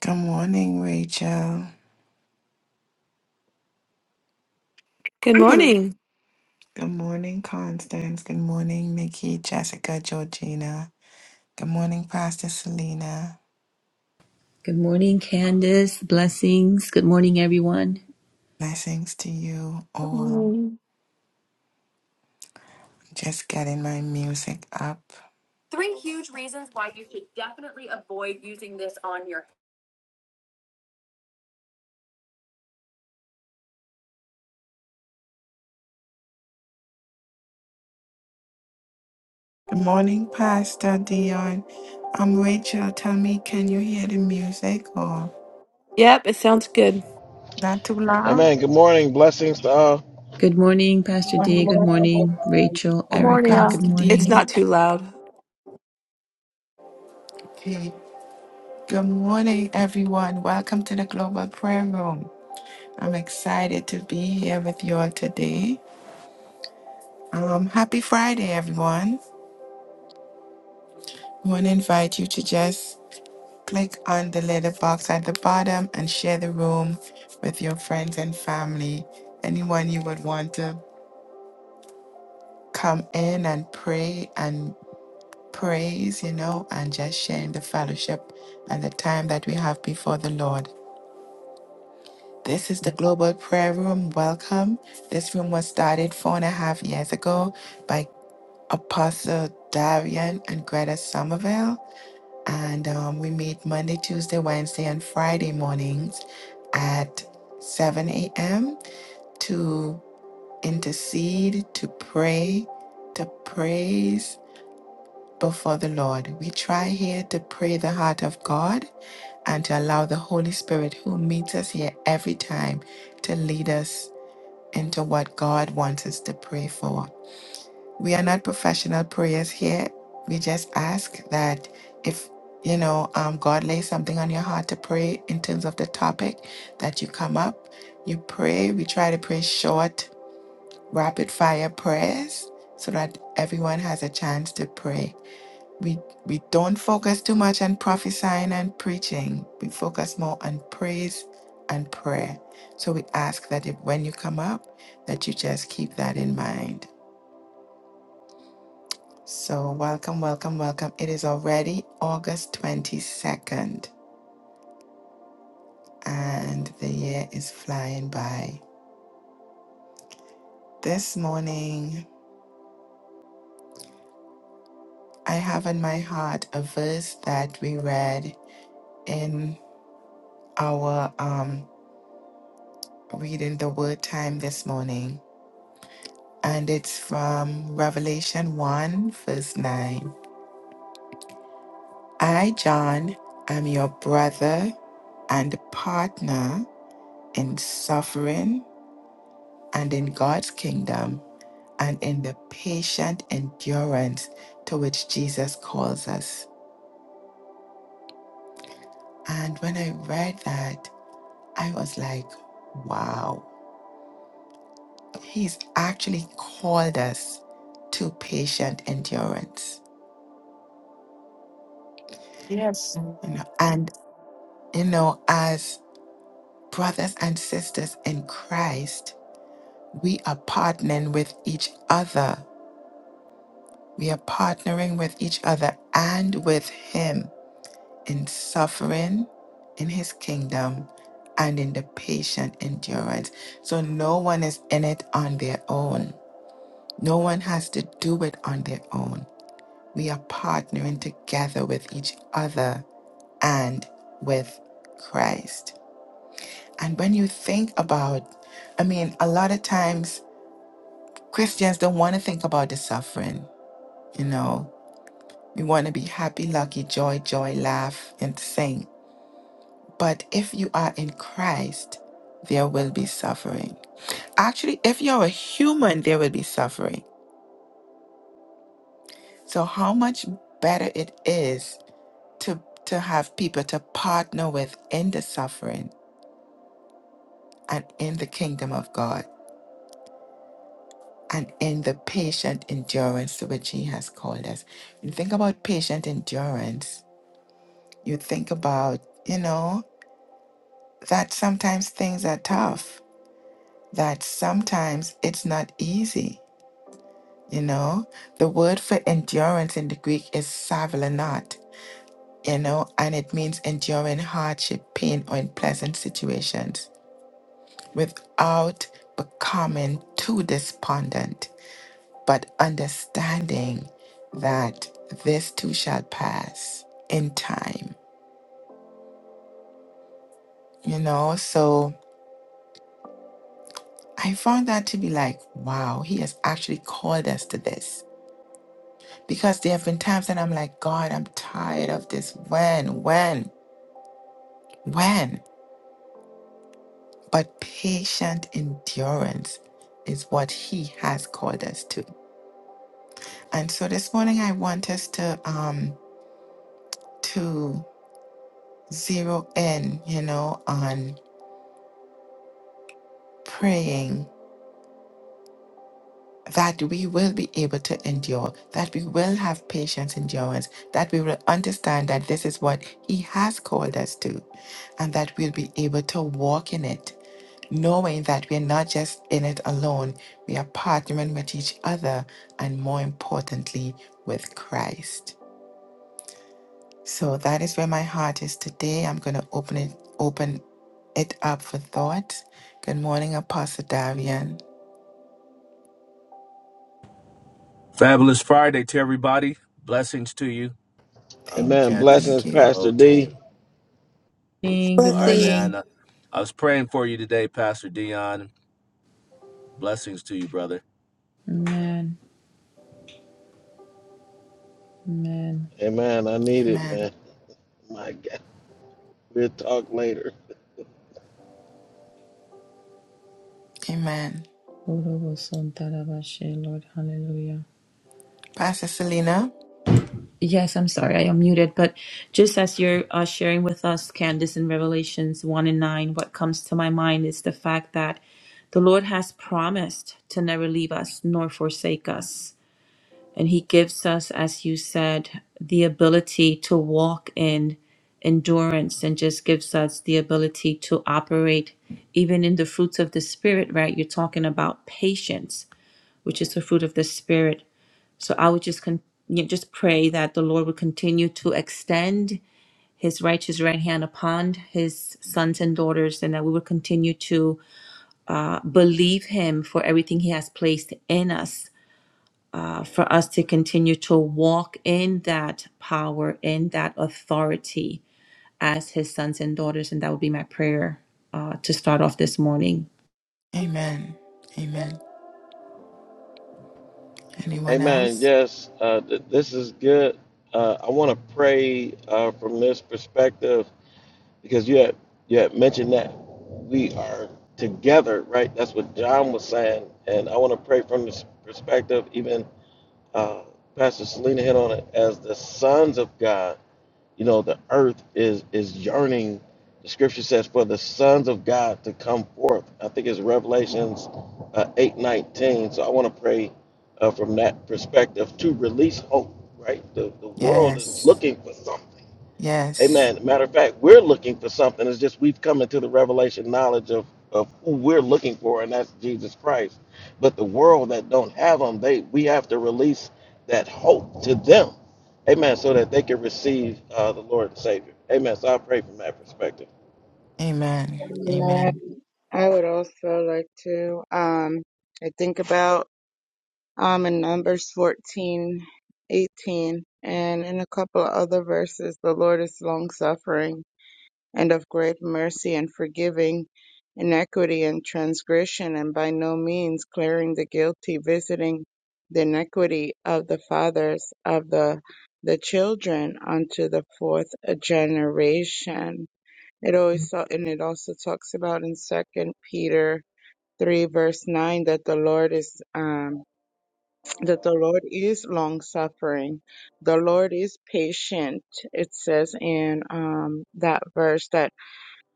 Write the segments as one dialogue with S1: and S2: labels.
S1: Good morning, Rachel.
S2: Good
S1: Hello.
S2: morning.
S1: Good morning, Constance. Good morning, Nikki, Jessica, Georgina. Good morning, Pastor Selena.
S3: Good morning, Candace. Blessings. Good morning, everyone.
S1: Blessings to you
S4: Good
S1: all. Just getting my music up. Three huge reasons why you should definitely avoid using this on your. Good morning, Pastor Dion. I'm Rachel. Tell me, can you hear the music or
S2: Yep, it sounds good.
S1: not too loud?
S5: Amen. Good morning. Blessings to all.
S3: Good morning, Pastor D.
S1: Good
S3: Good morning, Rachel,
S2: Good
S1: morning,
S2: morning,
S3: Erica. Good
S2: all.
S1: Pastor
S2: It's
S3: morning.
S2: not
S1: Dion.
S2: too loud.
S1: Okay. Good morning, everyone. Welcome to the Global Prayer Room. I'm excited to be here with you all today. Um, happy Friday, everyone. I want to invite you to just click on the little box at the bottom and share the room with your friends and family. Anyone you would want to come in and pray and praise, you know, and just sharing the fellowship and the time that we have before the Lord. This is the Global Prayer Room. Welcome. This room was started four and a half years ago by Apostle Darian and Greta Somerville. And um, we meet Monday, Tuesday, Wednesday, and Friday mornings at 7 a.m. to intercede, to pray, to praise before the Lord. We try here to pray the heart of God and to allow the Holy Spirit, who meets us here every time, to lead us into what God wants us to pray for. We are not professional prayers here. We just ask that if you know um, God lays something on your heart to pray in terms of the topic, that you come up, you pray. We try to pray short, rapid fire prayers so that everyone has a chance to pray we we don't focus too much on prophesying and preaching. We focus more on praise and prayer. So we ask that if when you come up, that you just keep that in mind. So welcome, welcome, welcome. It is already August 22nd and the year is flying by. This morning I have in my heart a verse that we read in our um reading the word time this morning and it's from Revelation 1, verse 9. I, John, am your brother and partner in suffering and in God's kingdom and in the patient endurance to which Jesus calls us. And when I read that, I was like, wow, he's actually called us to patient endurance.
S2: Yes.
S1: You know, and you know, as Brothers and sisters in Christ, we are partnering with each other. We are partnering with each other and with Him in suffering in His kingdom and in the patient endurance. So no one is in it on their own, no one has to do it on their own. We are partnering together with each other and with Christ. And when you think about, I mean, a lot of times Christians don't want to think about the suffering, you know. We want to be happy, lucky, joy, joy, laugh, and sing. But if you are in Christ, there will be suffering. Actually, if you're a human, there will be suffering. So how much better it is to to have people to partner with in the suffering and in the kingdom of God and in the patient endurance to which he has called us. When you think about patient endurance, you think about, you know, that sometimes things are tough, that sometimes it's not easy, you know. The word for endurance in the Greek is savlanot, you know, and it means enduring hardship, pain, or unpleasant situations without becoming too despondent, but understanding that this too shall pass in time, you know. So, I found that to be like, wow, he has actually called us to this. Because there have been times that I'm like, God, I'm tired of this. When, when, when? But patient endurance is what he has called us to. And so this morning I want us to um to zero in, you know, on praying that we will be able to endure, that we will have patience, endurance, that we will understand that this is what He has called us to, and that we'll be able to walk in it, knowing that we're not just in it alone, we are partnering with each other, and more importantly, with Christ. So that is where my heart is today. I'm going to open it, open it up for thoughts. Good morning, Apostle Davian.
S6: Fabulous Friday to everybody. Blessings to you, uh,
S1: Thank
S5: Amen.
S1: you,
S6: Candace,
S5: Blessings,
S1: thank
S6: and the
S1: you.
S6: whole
S5: Pastor D.
S6: team.
S3: Morning, Good
S6: All right,
S7: Blessings.
S6: man.
S3: morning.
S6: uh, I was praying for you today, Pastor Dion. Blessings to you, brother.
S3: Amen. Amen.
S5: Amen. I need it,
S1: Amen.
S5: man. My God. We'll talk later.
S1: Amen.
S3: Lord, hallelujah.
S1: Pastor Selena.
S3: Yes, I'm sorry, I am muted, but just as you're uh, sharing with us, Candace, in Revelations 1 and 9, what comes to my mind is the fact that the Lord has promised to never leave us nor forsake us And He gives us, as you said, the ability to walk in endurance and just gives us the ability to operate even in the fruits of the Spirit, right? You're talking about patience, which is the fruit of the Spirit. So I would just con- you know, just pray that the Lord would continue to extend his righteous right hand upon his sons and daughters, and that we would continue to uh, believe him for everything he has placed in us for us to continue to walk in that power, in that authority as his sons and daughters. And that would be my prayer uh, to start off this morning.
S1: Amen. Amen. Anyone
S5: Amen.
S1: else?
S5: Yes, uh, th- this is good. Uh, I want to pray uh, from this perspective because you had, you had mentioned that we are together, right? That's what John was saying. And I want to pray from this perspective, even uh, Pastor Selena hit on it, as the sons of God. You know, the earth is is yearning. The scripture says for the sons of God to come forth. I think it's Revelations uh, eight nineteen. So I want to pray uh, from that perspective to release hope. Right, the the world is
S1: Yes.
S5: looking for something.
S1: Yes.
S5: Amen. Matter of fact, we're looking for something. It's just we've come into the revelation knowledge of, of who we're looking for, and that's Jesus Christ. But the world that don't have him, they we have to release that hope to them. Amen. So that they can receive uh, the Lord and Savior. Amen. So I pray from that perspective.
S1: Amen. Amen.
S8: I would also like to um I think about um in Numbers fourteen, eighteen, and in a couple of other verses the Lord is long suffering and of great mercy and forgiving iniquity and transgression and by no means clearing the guilty, visiting the iniquity of the fathers of the the children unto the fourth generation It always ta- and it also talks about in Second Peter three verse nine that the Lord is um that the Lord is long suffering. The Lord is patient. It says in um that verse that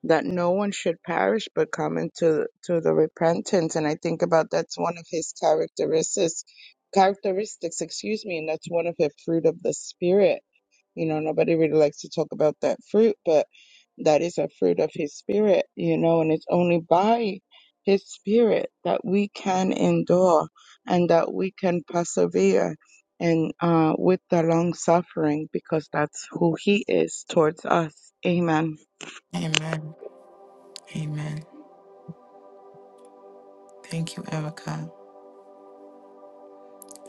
S8: that no one should perish but come into to the repentance. And I think about that's one of his characteristics characteristics, excuse me, and that's one of the fruit of the spirit you know, nobody really likes to talk about that fruit, but that is a fruit of his spirit, you know, and it's only by his spirit that we can endure and that we can persevere and uh with the long suffering because that's who he is towards us. Amen.
S1: Amen. Amen. Thank you, Erica.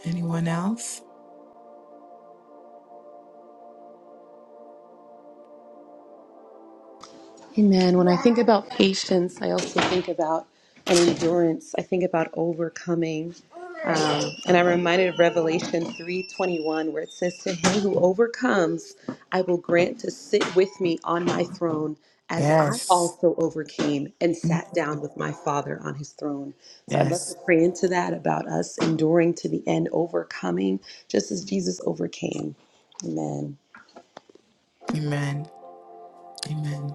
S1: Anyone else?
S7: Amen. When I think about patience, I also think about an endurance. I think about overcoming. Um, and I'm reminded of Revelation 3:21, where it says, "To him who overcomes, I will grant to sit with me on my throne, as I
S1: Yes.
S7: also overcame and
S1: Mm.
S7: sat down with my Father on his throne." So I'd love to
S1: Yes.
S7: pray into that about us enduring to the end, overcoming, just as Jesus overcame. Amen.
S1: Amen. Amen.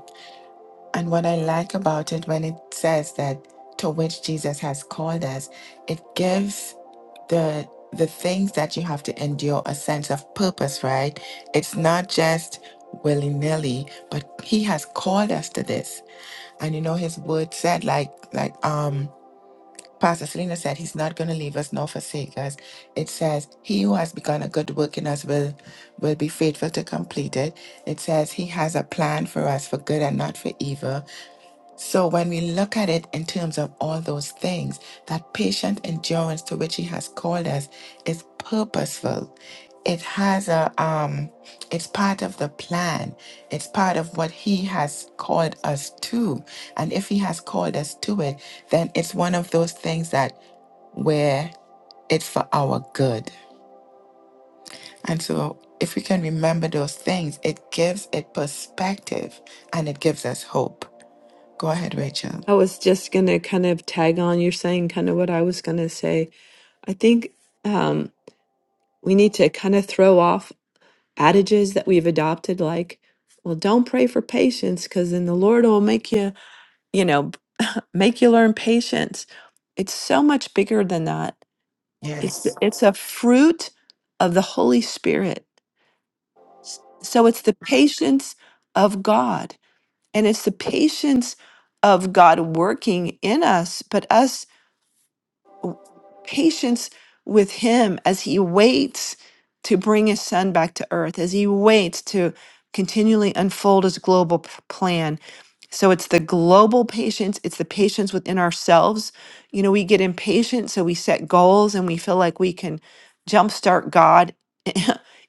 S1: And what I like about it when it says that to which Jesus has called us, it gives the the things that you have to endure a sense of purpose, right? It's not just willy-nilly, but he has called us to this. And you know his word said like like um Pastor Selena said he's not gonna leave us nor forsake us. It says, He who has begun a good work in us will will be faithful to complete it. It says he has a plan for us for good and not for evil so when we look at it in terms of all those things, that patient endurance to which he has called us is purposeful. It has a um it's part of the plan. It's part of what he has called us to. And if he has called us to it, then it's one of those things that where it's for our good. And so if we can remember those things, it gives it perspective and it gives us hope. Go ahead, Rachel.
S2: I was just going to kind of tag on you're saying kind of what I was going to say. I think um, we need to kind of throw off adages that we've adopted, like, well, don't pray for patience because then the Lord will make you, you know, make you learn patience. It's so much bigger than that. It's
S1: Yes.
S2: it's a fruit of the Holy Spirit. S- So it's the patience of God. And it's the patience of God working in us, but us patience with him as he waits to bring his son back to earth, as he waits to continually unfold his global p- plan. So it's the global patience, it's the patience within ourselves. You know, we get impatient, so we set goals and we feel like we can jumpstart God.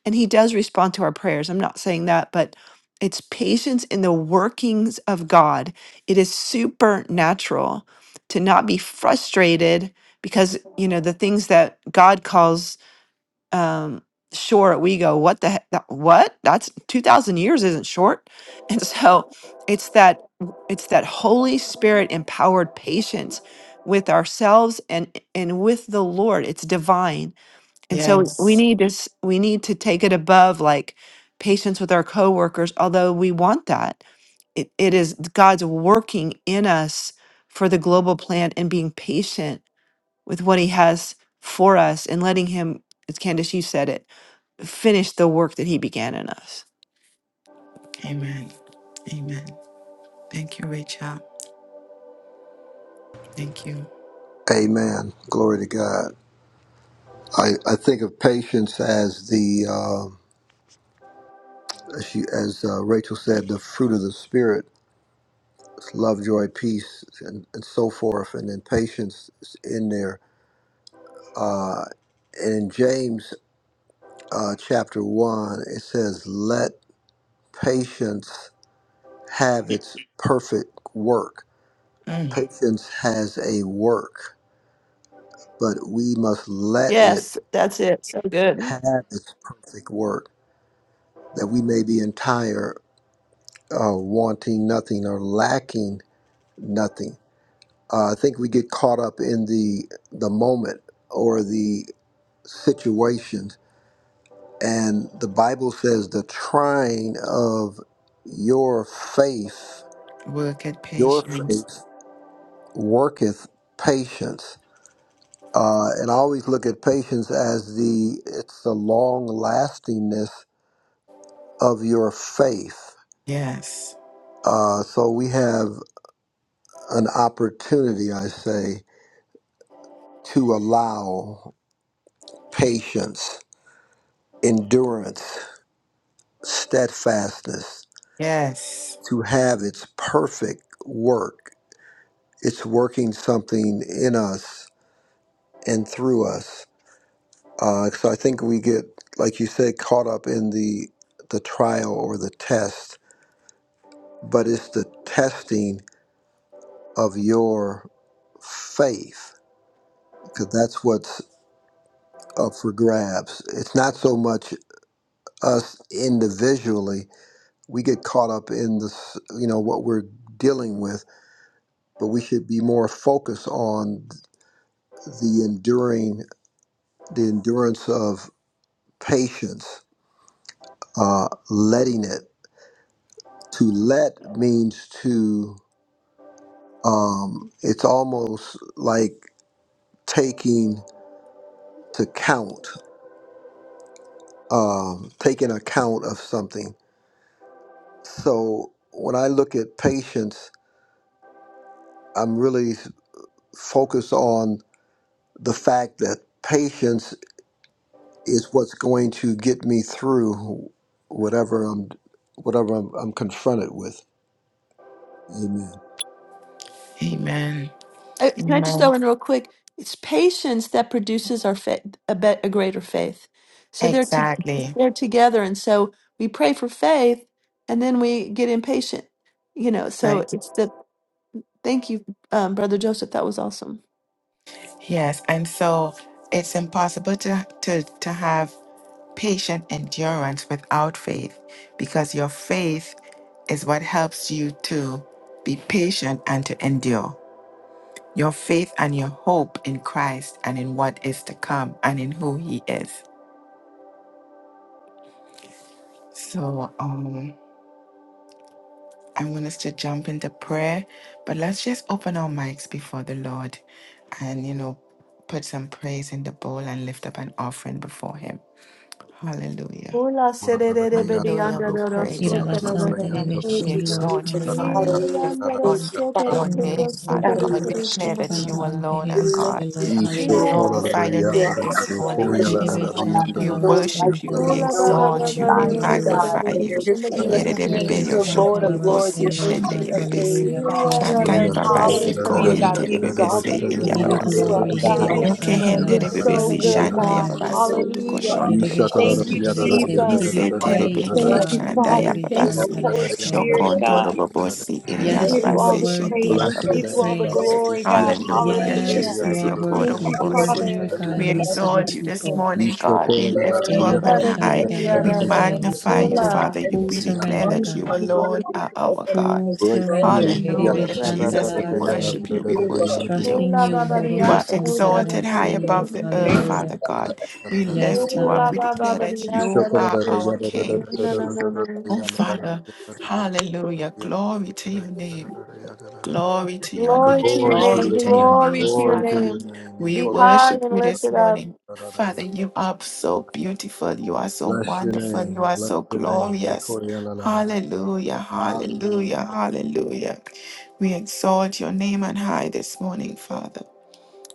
S2: and he does respond to our prayers. I'm not saying that, but it's patience in the workings of God. It is supernatural to not be frustrated because you know the things that God calls um, short, we go, "What the heck? That, What? That's two thousand years isn't short." And so it's that it's that Holy Spirit empowered patience with ourselves and and with the Lord. It's divine, and so we
S1: Yes.
S2: need to s- we need to take it above like patience with our coworkers. Although we want that, it, it is God's working in us for the global plan and being patient with what he has for us and letting him, as Candace, you said it, finish the work that he began in us.
S1: Amen. Amen. Thank you, Rachel. Thank you.
S9: Amen. Glory to God. I, I think of patience as the uh, as, she, as uh, Rachel said, the fruit of the spirit, It's love, joy, peace, and, and so forth, and then patience is in there. Uh, and in James uh, chapter one, it says, "Let patience have its perfect work."
S1: Mm.
S9: Patience has a work, but we must let it
S2: Yes, that's it. So good.
S9: have its perfect work, that we may be entire uh, wanting nothing or lacking nothing. Uh, I think we get caught up in the the moment or the situations, and the Bible says the trying of your faith,
S1: Work at
S9: your
S1: patience.
S9: faith worketh patience. Uh, and I always look at patience as the it's the long lastingness of your faith.
S1: Yes.
S9: Uh, so we have an opportunity, I say, to allow. patience, endurance, steadfastness
S1: Yes.
S9: to have its perfect work. It's working something in us and through us. Uh, so I think we get, like you said, caught up in the the trial or the test, but it's the testing of your faith because that's what's up for grabs. It's not so much us individually. We get caught up in this, you know, what we're dealing with but we should be more focused on the enduring the endurance of patience uh, letting it to let means to um, it's almost like taking to count um, taking account of something so when i look at patience i'm really focused on the fact that patience is what's going to get me through whatever I'm whatever I'm, I'm confronted with. Amen.
S1: Amen.
S2: I, can I just
S1: Amen.
S2: throw in real quick? It's patience that produces our faith, a, bet a greater faith. So they're to,
S1: Exactly.
S2: they're together, and so we pray for faith, and then we get impatient. You know, so
S1: Right.
S2: it's the thank you, um, brother Joseph. That was awesome.
S1: Yes, and so it's impossible to, to, to have patient endurance without faith because your faith is what helps you to be patient and to endure. Your faith and your hope in Christ and in what is to come and in who He is. So um, I want us to jump into prayer, but let's just open our mics before the Lord and, you know, put some praise in the bowl and lift up an offering before Him. Hallelujah.
S2: Hola, sererebedi
S1: Hallelujah. We
S2: andaroro
S1: praise you, Jesus.
S3: Irabasante
S2: sotororororo.
S1: We
S7: Thank you,
S3: reveshi, Lord,
S1: exalt you,
S7: Jesus.
S2: Ili
S1: Father.
S3: hallelujah.
S1: We
S7: Hallelujah.
S1: lift up
S2: andaro
S7: Thank
S1: on
S7: you, Father.
S1: your name,
S2: sotororororo
S1: Father
S3: Urobosante
S7: God, we
S1: God. We
S7: worship
S1: declare
S3: reveshi,
S1: that
S7: you.
S1: you
S2: sotororororo.
S3: kalamante
S1: alone
S7: We
S1: are
S7: lift
S1: God.
S3: revesi,
S7: you
S3: Lord,
S7: up,
S1: We
S7: God.
S2: Ila
S3: hallelujah.
S2: la la la
S1: glorify your
S7: You are
S1: name this
S7: awesome. You are
S1: morning,
S2: la.
S7: mighty,
S1: Jesus.
S2: sotererebe.
S7: God.
S3: Kireveshanta
S1: We
S7: There's no one like
S1: worship
S7: you.
S1: you. We
S7: There's
S2: Ola
S7: no
S2: da
S3: robose,
S7: one
S2: da da
S1: exalt
S3: Father,
S1: you.
S2: da da
S1: We
S7: beside you,
S2: da da da
S3: hallelujah.
S7: God.
S2: da
S1: magnify
S2: da.
S1: you.
S7: You're
S2: Somebody
S7: King
S2: on
S7: of
S2: that one.
S1: Yerebebe
S7: Kings. You're
S3: Kireveshanta
S7: Lord of Lords.
S1: yoshokorobosi
S7: You're
S3: Lord
S1: shende
S3: God,
S7: Ancient of Days,
S1: yebebesi.
S3: hallelujah. We
S7: God.
S2: Ilya
S3: bless
S2: da
S3: your
S1: Shantai
S2: da.
S3: name,
S2: Sit
S3: God, we
S2: there
S1: babasi
S2: and
S3: bless
S2: cut
S3: your
S2: out
S7: Hallelujah,
S1: kohen
S3: name.
S7: God. We
S2: something.
S7: exalt
S1: telebebesi
S7: you.
S3: We
S7: We
S1: ilia
S3: give you
S7: lift you
S1: babasi.
S7: up,
S3: glory,
S7: God.
S2: Ilya
S1: Yoke
S2: da
S3: Herebeshan
S2: da.
S7: You're
S1: hendere
S2: Sit
S3: Taravase.
S7: so
S2: there
S3: We
S1: bebesi
S2: and
S3: give
S7: good,
S3: you
S2: cut
S1: shanda ya
S7: God.
S3: honor.
S2: out
S1: babaso to
S7: Hallelujah.
S2: something.
S1: koshondo
S9: Bless
S3: Terebeshen
S7: Thank
S1: bobosi.
S7: you,
S3: Terebese. We give
S7: Jesus.
S3: you
S1: Nise tere
S3: praise, O
S1: beke
S7: Thank you,
S3: God.
S1: shanda ya
S7: Father. Thank
S3: Herebeshan
S7: you,
S1: babasi.
S7: Holy
S3: Taravase, Lord.
S7: Spirit,
S1: Shokondo
S7: God.
S8: Thank you.
S1: bobosi iri
S8: The
S7: We
S1: ya
S8: oil
S3: Yes,
S7: give
S8: of
S7: you
S3: you
S8: the
S3: are
S7: all
S1: babase
S7: the praise.
S1: shentara
S3: worthy
S7: We
S3: to
S8: revival of
S3: be
S7: give
S9: your
S7: you
S9: name,
S8: the
S7: all
S1: babasi.
S7: the
S9: Father.
S3: praised.
S8: flame is
S7: glory, God.
S8: founded by
S1: Hallelujah,
S8: the
S3: Yes,
S7: Hallelujah.
S3: you
S1: Jesus.
S3: are
S1: Yokoro
S7: Thank
S3: worthy.
S7: you,
S3: You are
S8: Hallelujah.
S1: bobosi.
S3: here,
S7: Father.
S8: And the
S3: God, in
S1: We
S3: the midst
S8: blessed
S3: of your
S1: exalt
S8: one
S1: you this
S8: here.
S3: people.
S1: morning, God. We
S8: There
S1: lift
S8: are
S1: you up
S2: Ola
S8: no
S1: on
S2: da di
S3: Erabashan
S1: high.
S2: di ya
S8: ideas
S1: We
S2: da
S8: in
S2: da da.
S3: Taravase. We
S8: the
S3: come
S1: magnify you,
S8: one
S3: into a
S2: Sola.
S1: Father. You
S8: heaven.
S3: full
S1: we declare
S3: surrender,
S8: Only
S1: that you
S3: God.
S8: one
S1: alone
S8: worthy
S1: are
S8: to
S1: our
S8: open to
S1: God.
S8: the
S3: Full
S8: scroll of
S9: Breakthrough.
S3: surrender.
S8: the
S1: Hallelujah,
S2: Ola
S3: Herebeshan
S2: ba ba ba
S1: Jesus.
S8: world
S1: We
S8: and
S2: da da
S8: that is
S3: Taravase.
S1: worship
S2: di.
S1: you. We
S8: you, Lord.
S1: worship you.
S3: Trusting
S2: Ola
S3: you,
S2: ba ba di
S8: Thank
S1: You
S8: you,
S2: ya
S1: are
S8: Jesus.
S3: Horoboson
S2: so da da
S1: exalted
S2: da
S1: high
S2: di.
S3: Taravase, Lord.
S1: above the earth,
S3: Hallelujah.
S1: Father God. We
S3: Yes,
S1: lift you
S2: Ola
S1: up. We
S3: God.
S2: ba ba
S1: declare
S2: ba di
S1: that
S2: ya
S9: Glory
S2: da
S1: you
S2: da.
S1: are our
S2: Koshi kiri
S1: King.
S9: to
S2: na na na na.
S1: Oh, Father, hallelujah. Glory to your name. Glory to your
S2: Glory
S1: name.
S2: to your name.
S1: Glory
S9: your
S1: to your
S9: name.
S2: Glory
S1: name,
S2: to your
S9: Glory to
S1: Father.
S9: your
S2: name.
S9: name. You
S1: We
S2: Be high
S1: worship
S2: and
S1: you this
S2: lifted up.
S1: morning. Father, you are so beautiful. You are so
S9: Bless your
S1: wonderful. You
S9: name.
S1: are
S9: Bless
S1: so
S9: your name. You
S1: glorious. Hallelujah.
S9: Hallelujah.
S1: Hallelujah. Hallelujah. We exalt your name on high this morning, Father.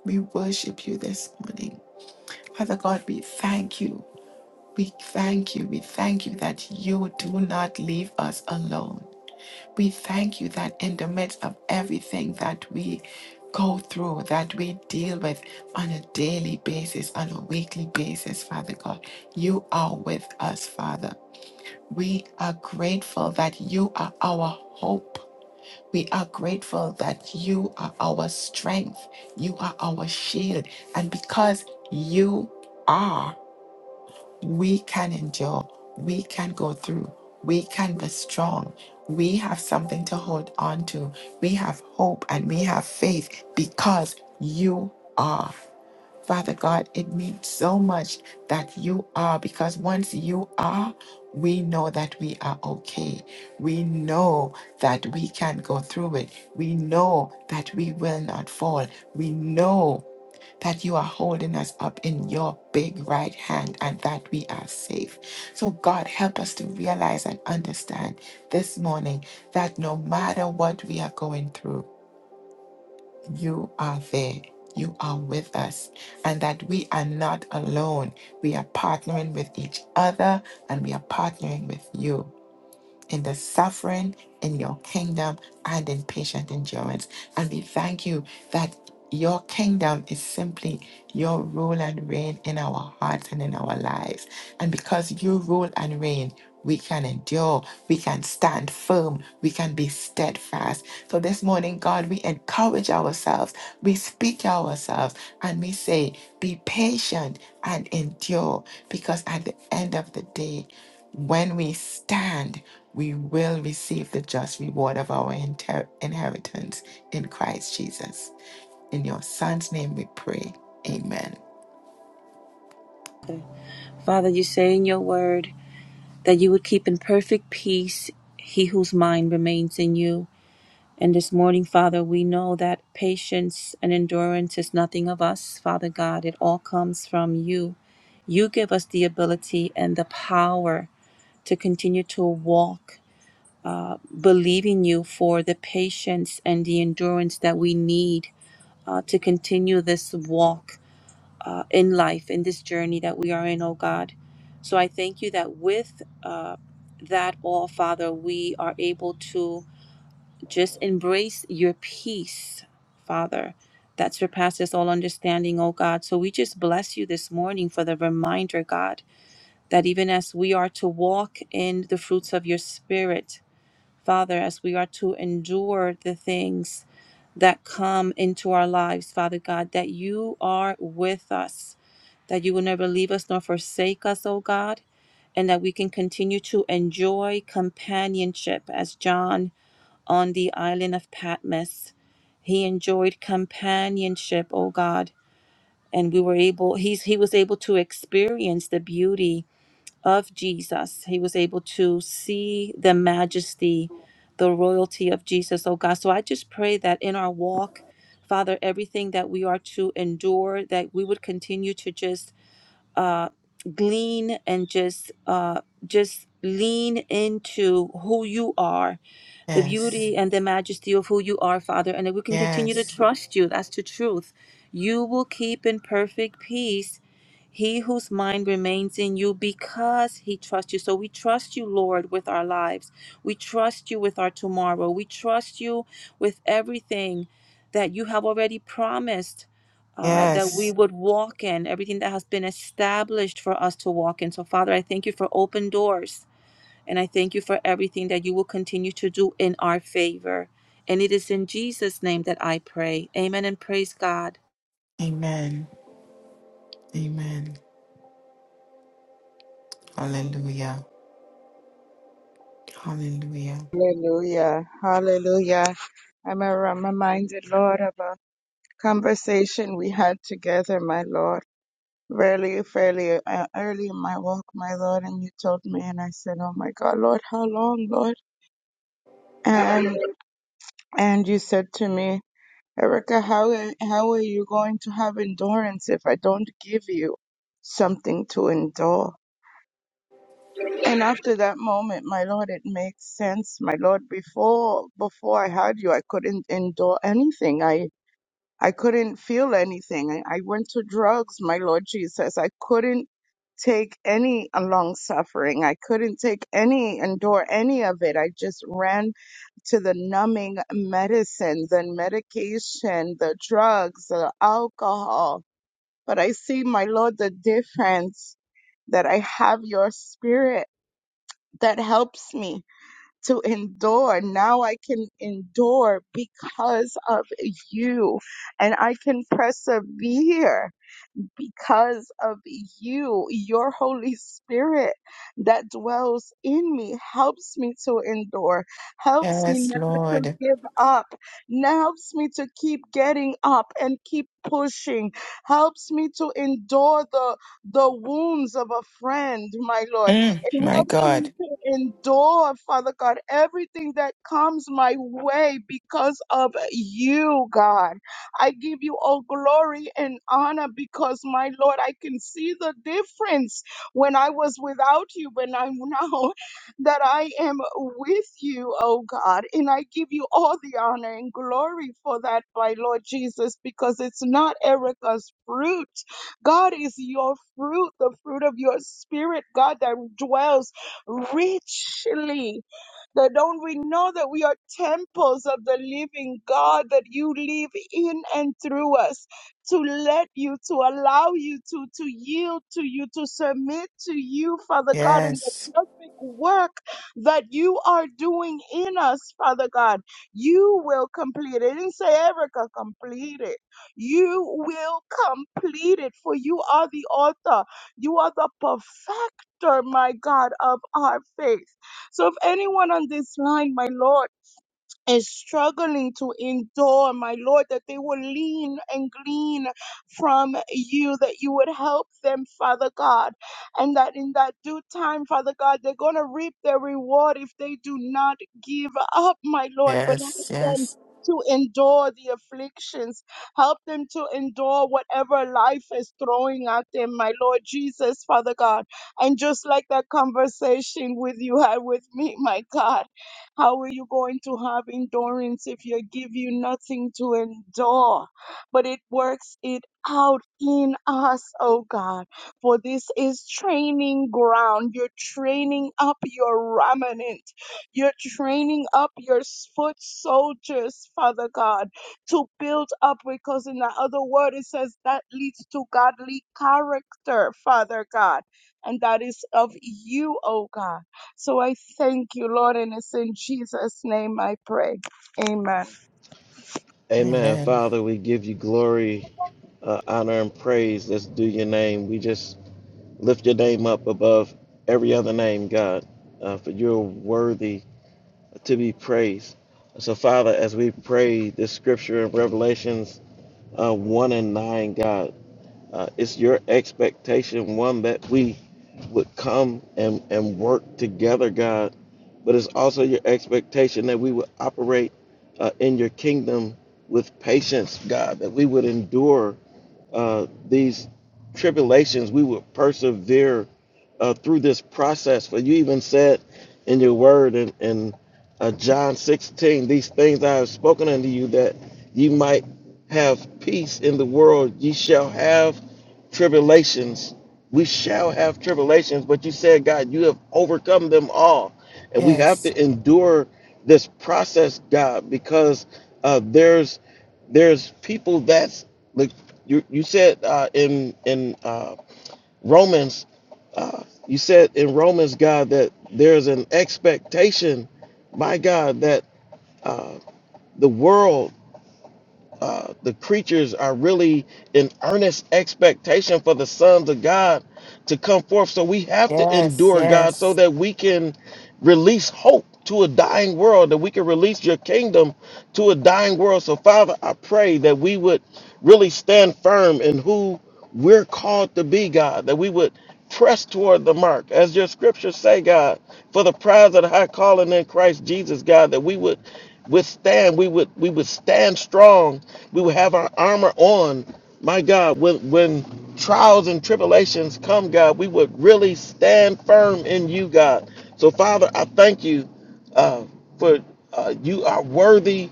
S1: We worship you this morning. Father God, we thank you. We thank you. We thank you that you do not leave us alone. We thank you that in the midst of everything that we go through, that we deal with on a daily basis, on a weekly basis, Father God, you are with us, Father. We are grateful that you are our hope. We are grateful that you are our strength, you are our shield, and because you are, we can endure, we can go through, we can be strong. We have something to hold on to. We have hope and we have faith because you are. Father God, it means so much that you are, because once you are, we know that we are okay. We know that we can go through it. We know that we will not fall. We know that you are holding us up in your big right hand and that we are safe. So, God, help us to realize and understand this morning that no matter what we are going through, you are there. You are with us, and that we are not alone. We are partnering with each other and we are partnering with you in the suffering in your kingdom and in patient endurance. And we thank you that your kingdom is simply your rule and reign in our hearts and in our lives. And because you rule and reign, we can endure, we can stand firm, we can be steadfast. So this morning, God, we encourage ourselves, we speak to ourselves, and we say, Be patient and endure, because at the end of the day, when we stand, we will receive the just reward of our inter- inheritance in Christ Jesus. In your Son's name we pray. Amen.
S3: Father, you say in your word that you would keep in perfect peace he whose mind remains in you. And this morning, Father, we know that patience and endurance is nothing of us, Father God. It all comes from you. You give us the ability and the power to continue to walk, uh, believing you for the patience and the endurance that we need uh, to continue this walk uh, in life, in this journey that we are in, oh God. So I thank you that with uh, that all, Father, we are able to just embrace your peace, Father, that surpasses all understanding, oh God. So we just bless you this morning for the reminder, God, that even as we are to walk in the fruits of your Spirit, Father, as we are to endure the things that come into our lives, Father God, that you are with us that you will never leave us nor forsake us, O God, and that we can continue to enjoy companionship as John on the island of Patmos. He enjoyed companionship, O God, and we were able he's he was able to experience the beauty of Jesus. He was able to see the majesty, the royalty of Jesus, O God. So I just pray that in our walk Father, everything that we are to endure, that we would continue to just uh, glean and just uh, just lean into who you are the
S1: Yes,
S3: beauty and the majesty of who you are, Father, and that we can continue to
S1: yes,
S3: trust you. That's the truth. You will keep in perfect peace he whose mind remains in you because he trusts you. So we trust you, Lord, with our lives. We trust you with our tomorrow. We trust you with everything that you have already promised. uh, that we
S1: yes.
S3: would walk in everything that has been established for us to walk in. So, Father, I thank you for open doors. And I thank you for everything that you will continue to do in our favor. And it is in Jesus' name that I pray. Amen and praise God.
S1: Amen. Amen. Hallelujah. Hallelujah.
S8: Hallelujah. Hallelujah. I'm reminded, Lord, about conversation we had together, my Lord. Really, fairly uh, early in my walk, my Lord, and you told me, and I said, "Oh my God, Lord, how long, Lord?" And and you said to me, "Erica, how are- how are you going to have endurance if I don't give you something to endure?" And after that moment, my Lord, it makes sense, my Lord. Before before I had you, I couldn't endure anything. I I couldn't feel anything. I, I went to drugs, my Lord Jesus. I couldn't take any uh, long suffering. I couldn't take any, endure any of it. I just ran to the numbing medicines and medication, the drugs, the alcohol. But I see, my Lord, the difference that I have your spirit that helps me to endure. Now I can endure because of you and I can persevere because of you, your Holy Spirit that dwells in me helps me to endure, helps me
S1: Yes,
S8: never to
S1: Lord.
S8: give up, n- helps me to keep getting up and keep pushing, helps me to endure the, the wounds of a friend, my Lord.
S1: Mm,
S8: It
S1: my
S8: helps
S1: God.
S8: me to endure, Father God, everything that comes my way because of you, God. I give you all glory and honor because, my Lord, I can see the difference when I was without you, when I'm now that I am with you, oh God. And I give you all the honor and glory for that, my Lord Jesus, because it's not Erica's fruit. God is your fruit, the fruit of your spirit, God, that dwells richly that don't we know that we are temples of the living God, that you live in and through us to let you, to allow you to, to yield to you, to submit to you, Father God, in the
S1: Yes,
S8: perfect work that you are doing in us, Father God. You will complete it. It didn't say Erica complete it. You will complete it, for you are the author. You are the perfecter, my God, of our faith. So if anyone on this line, my Lord, and struggling to endure, my Lord, that they will lean and glean from you, that you would help them, Father God, and that in that due time, Father God, they're going to reap their reward if they do not give up, my Lord, but help
S1: yes,
S8: them.
S1: yes.
S8: To endure the afflictions, help them to endure whatever life is throwing at them, my Lord Jesus, Father God. And just like that conversation with you had with me, my God. How are you going to have endurance if you give you nothing to endure? But it works it out in us, oh God. For this is training ground. You're training up your remnant. You're training up your s- foot soldiers, Father God, to build up because in the other word it says that leads to godly character, Father God. And that is of you, oh God. So I thank you, Lord, and it's in Jesus' name I pray. Amen.
S5: Amen.
S1: Amen.
S5: Father, we give you glory, uh, honor, and praise. Let's do your name. We just lift your name up above every other name, God, uh, for you're worthy to be praised. So, Father, as we pray this scripture in Revelations uh, 1 and 9, God, uh, it's your expectation, one, that we would come and, and work together, God, but it's also your expectation that we would operate uh, in your kingdom with patience, God, that we would endure uh, these tribulations, we would persevere uh, through this process. For you even said in your word in, in uh, John 16, these things I have spoken unto you that ye might have peace in the world. Ye shall have tribulations. We shall have tribulations, but you said, God, you have overcome them all. And we have
S1: Yes,
S5: to endure this process, God, because uh, there's there's people that's like you you said uh, in in uh, Romans, uh, you said in Romans, God, that there's an expectation, my God, that uh, the world uh, the creatures are really in earnest expectation for the sons of God to come forth. So we have to
S1: yes,
S5: endure God so
S1: yes.
S5: that we can release hope to a dying world, that we can release your kingdom to a dying world. So, Father, I pray that we would really stand firm in who. We're called to be, God, that we would press toward the mark, as your scriptures say, God, for the prize of the high calling in Christ Jesus, God, that we would withstand, we would we would stand strong, we would have our armor on. My God, when when trials and tribulations come, God, we would really stand firm in you, God. So, Father, I thank you uh, for uh, you are worthy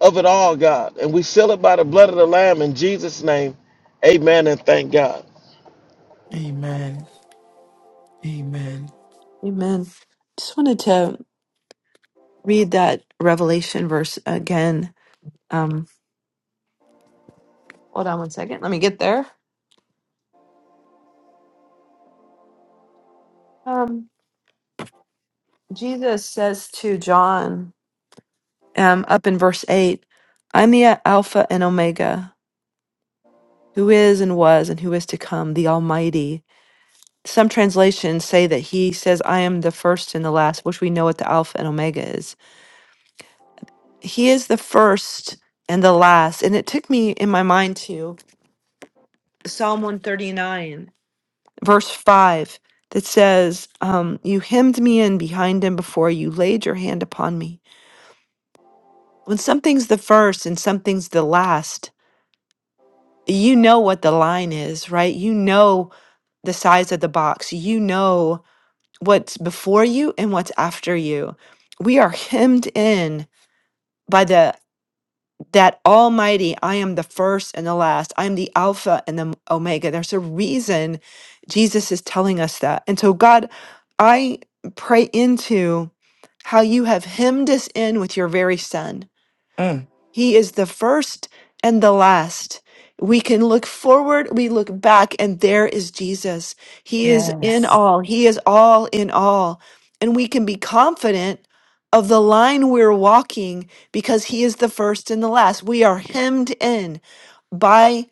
S5: of it all, God. And we seal it by the blood of the Lamb in Jesus' name. Amen and thank God.
S1: Amen. Amen.
S2: Amen. Just wanted to read that Revelation verse again. Um, hold on one second. Let me get there. Um, Jesus says to John, um, up in verse 8, I'm the Alpha and Omega, who is and was and who is to come, the Almighty. Some translations say that he says, I am the first and the last, which we know what the Alpha and Omega is. He is the first and the last. And it took me in my mind to Psalm 139, verse 5, that says, um, You hemmed me in behind and before you laid your hand upon me. When something's the first and something's the last, you know what the line is, right? You know the size of the box. You know what's before you and what's after you. We are hemmed in by the. that Almighty, I am the first and the last. I'm the Alpha and the Omega. There's a reason Jesus is telling us that. And so, God, I pray into how you have hemmed us in with your very Son
S1: Mm.
S2: he is the first and the last. We can look forward, we look back, and there is Jesus. He is in
S1: Yes.
S2: all, He is all in all. And we can be confident of the line we're walking because He is the first and the last. We are hemmed in by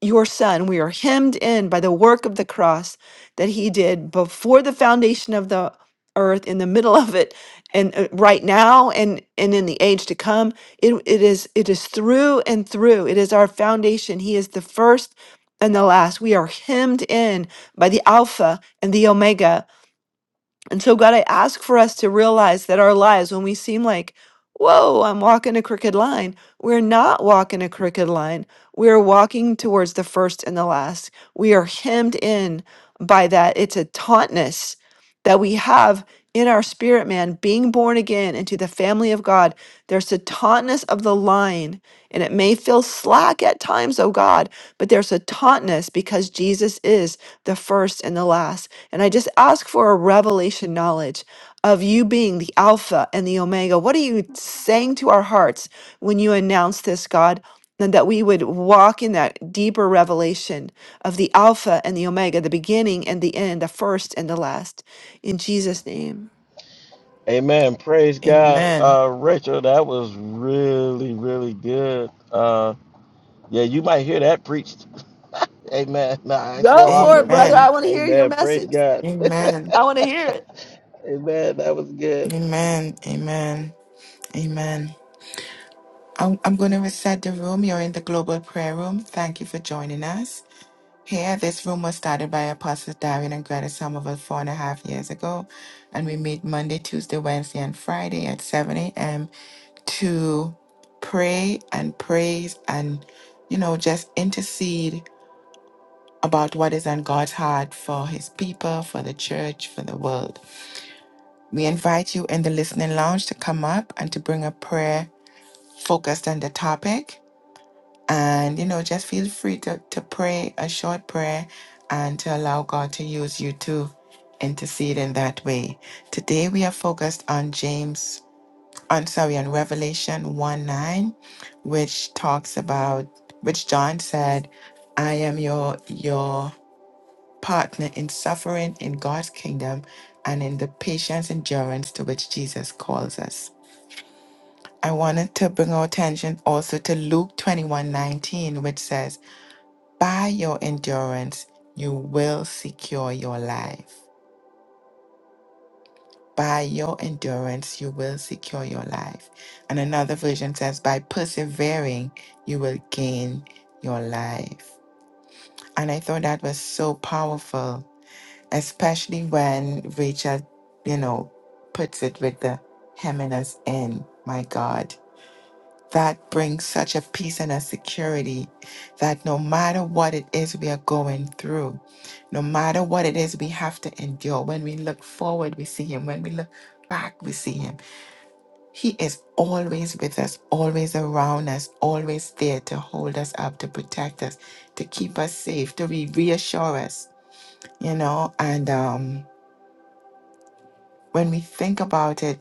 S2: your son. We are hemmed in by the work of the cross that he did before the foundation of the earth, in the middle of it, and uh, right now, and and in the age to come. It, it is it is through and through. It is our foundation. He is the first and the last. We are hemmed in by the Alpha and the Omega and so, God, I ask for us to realize that our lives, when we seem like, whoa, I'm walking a crooked line, we're not walking a crooked line. We're walking towards the first and the last. We are hemmed in by that. It's a tautness that we have in our spirit, man, being born again into the family of God. There's a tautness of the line, and it may feel slack at times, oh God, but there's a tautness because Jesus is the first and the last. And I just ask for a revelation knowledge of you being the Alpha and the Omega. What are you saying to our hearts when you announce this, God? And that we would walk in that deeper revelation of the Alpha and the Omega, the beginning and the end, the first and the last. In Jesus' name.
S5: Amen. Praise God.
S1: Amen.
S5: Uh, Rachel, that was really, really good. Uh, yeah, you might hear that preached. Amen. Nah, it's for
S2: Go for it,
S5: offering for
S2: brother.
S1: Amen.
S2: I
S5: you.
S2: want to hear your
S5: Amen. Praise
S2: message.
S5: God.
S1: Amen.
S2: I want to hear it.
S5: Amen. That was good.
S1: Amen. Amen. Amen. I'm, I'm going to reset the room. You're in the global prayer room. Thank you for joining us. Here, this room was started by Apostles Darwin and Greta Somerville four and a half years ago. And we meet Monday, Tuesday, Wednesday, and Friday at 7 a.m. to pray and praise and, you know, just intercede about what is on God's heart for his people, for the church, for the world. We invite you in the listening lounge to come up and to bring a prayer focused on the topic. And, you know, just feel free to, to pray a short prayer and to allow God to use you to intercede in that way. Today we are focused on James, on sorry, on Revelation 1 9, which talks about, which John said, I am your, your partner in suffering in God's kingdom and in the patience endurance to which Jesus calls us. I wanted to bring our attention also to Luke 21 19, which says, By your endurance, you will secure your life. By your endurance, you will secure your life. And another version says, By persevering, you will gain your life. And I thought that was so powerful, especially when Rachel, you know, puts it with the hemming us in. My God that brings such a peace and a security that no matter what it is we are going through, no matter what it is we have to endure, when we look forward, we see Him. When we look back, we see Him. He is always with us, always around us, always there to hold us up, to protect us, to keep us safe, to re- reassure us, you know. And um, when we think about it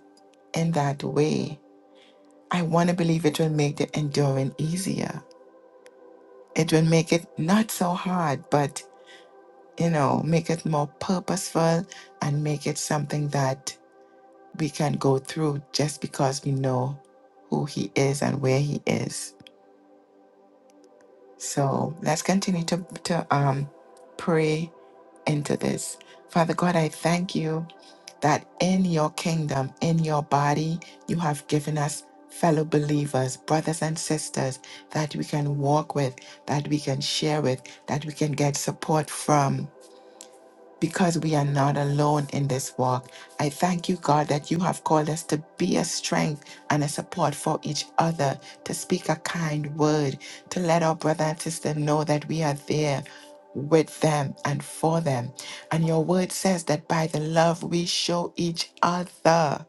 S1: in that way, I want to believe it will make the enduring easier It will make it not so hard, but you know, make it more purposeful and make it something that we can go through just because we know who he is and where he is. So let's continue to, to um pray into this. Father God, I thank you that in your kingdom, in your body, you have given us fellow believers, brothers and sisters that we can walk with, that we can share with, that we can get support from. because we are not alone in this walk. I thank you, God, that you have called us to be a strength and a support for each other, to speak a kind word, to let our brother and sister know that we are there with them and for them. And your word says that by the love we show each other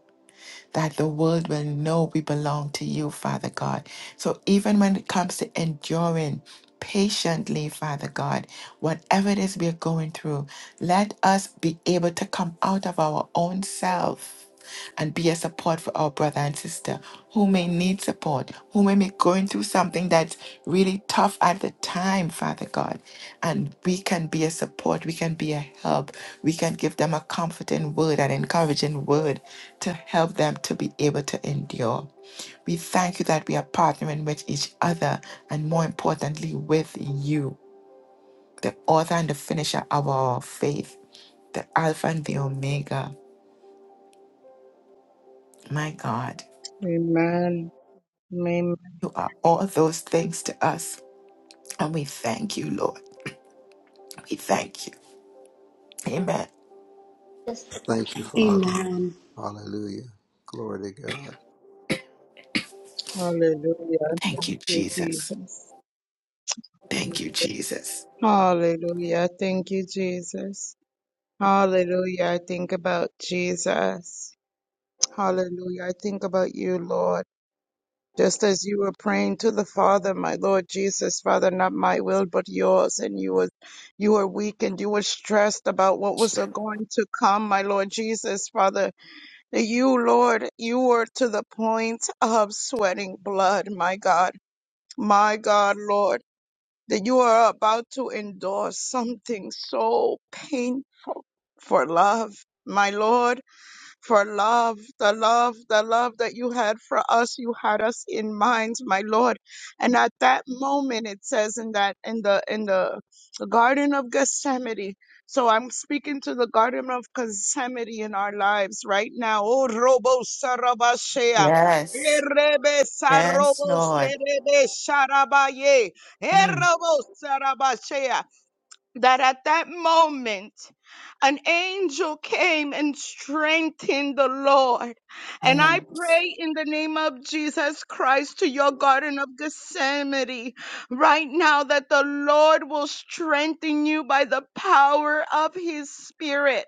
S1: that the world will know we belong to you, Father God. So even when it comes to enduring patiently, Father God, whatever it is we're going through, let us be able to come out of our own self and be a support for our brother and sister who may need support, who may be going through something that's really tough at the time, Father God. And we can be a support, we can be a help, we can give them a comforting word, an encouraging word to help them to be able to endure. We thank you that we are partnering with each other and more importantly with you, the author and the finisher of our faith, the Alpha and the Omega. My God.
S8: Amen. Amen.
S1: are all those things to us. And we thank you, Lord. We thank you. Amen.
S9: Thank you, Father. Hallelujah. Glory to God.
S8: Hallelujah.
S1: Thank you,
S8: Thank you,
S1: Jesus.
S8: Jesus.
S1: Thank you, Jesus.
S8: Hallelujah. Thank you, Jesus. Hallelujah. I think about Jesus. Hallelujah. I think about you, Lord. Just as you were praying to the Father, my Lord Jesus, Father, not my will, but yours. And you were, you were weak and you were stressed about what was going to come, my Lord Jesus, Father. You, Lord, you were to the point of sweating blood, my God, my God, Lord, that you are about to endure something so painful for love, my Lord for love, the love, the love that you had for us. You had us in mind, my Lord. And at that moment, it says in that, in the, in the Garden of Gethsemane, so I'm speaking to the Garden of Gethsemane in our lives right now. Oh, Robo Sarabashea.
S1: Yes.
S8: Erebe
S1: Yes,
S8: Sarobo
S1: Lord.
S8: Serebe Sharabaye.
S1: Mm.
S8: Erobo Sarabashea that at that moment an angel came and strengthened the Lord. And
S1: Yeah.
S8: I pray in the name of Jesus Christ to your Garden of Gethsemane right now that the Lord will strengthen you by the power of his spirit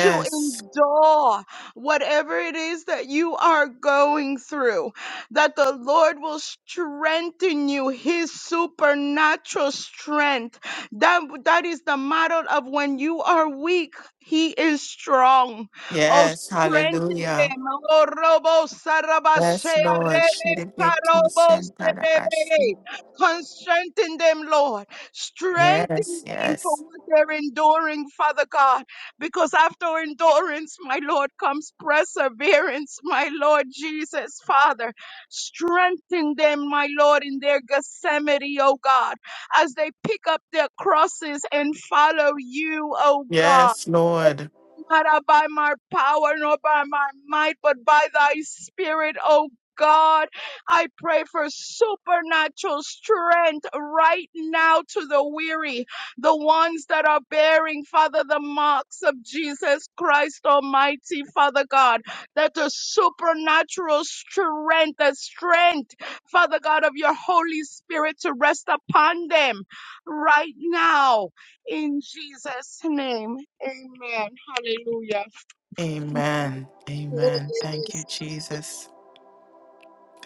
S8: to endure whatever it is that you are going through. That the Lord will strengthen you, his supernatural strength that, that is the model of when you are weak, he is strong. Oh,
S1: Yes.
S8: strengthen
S1: Hallelujah.
S8: them. Oh, robo sarabashea
S1: Yes, Lord.
S8: rebe
S1: Should it be
S8: sarobo
S1: consented?
S8: serebe. Con- Strengthen them, Lord. Strengthen
S1: Yes,
S8: them for
S1: yes.
S8: what they're enduring, Father God. Because after endurance, my Lord, comes perseverance, my Lord Jesus, Father. Strengthen them, my Lord, in their Gethsemane, oh God as they pick up their crosses and follow you, oh God
S1: Yes, Lord.
S8: not by my power nor by my might, but by thy spirit, O God, I pray for supernatural strength right now to the weary, the ones that are bearing, Father, the marks of Jesus Christ Almighty, Father God, that the supernatural strength, the strength, Father God, of your Holy Spirit to rest upon them right now in Jesus' name. Amen. Hallelujah.
S1: Amen. Amen. Thank you, Jesus.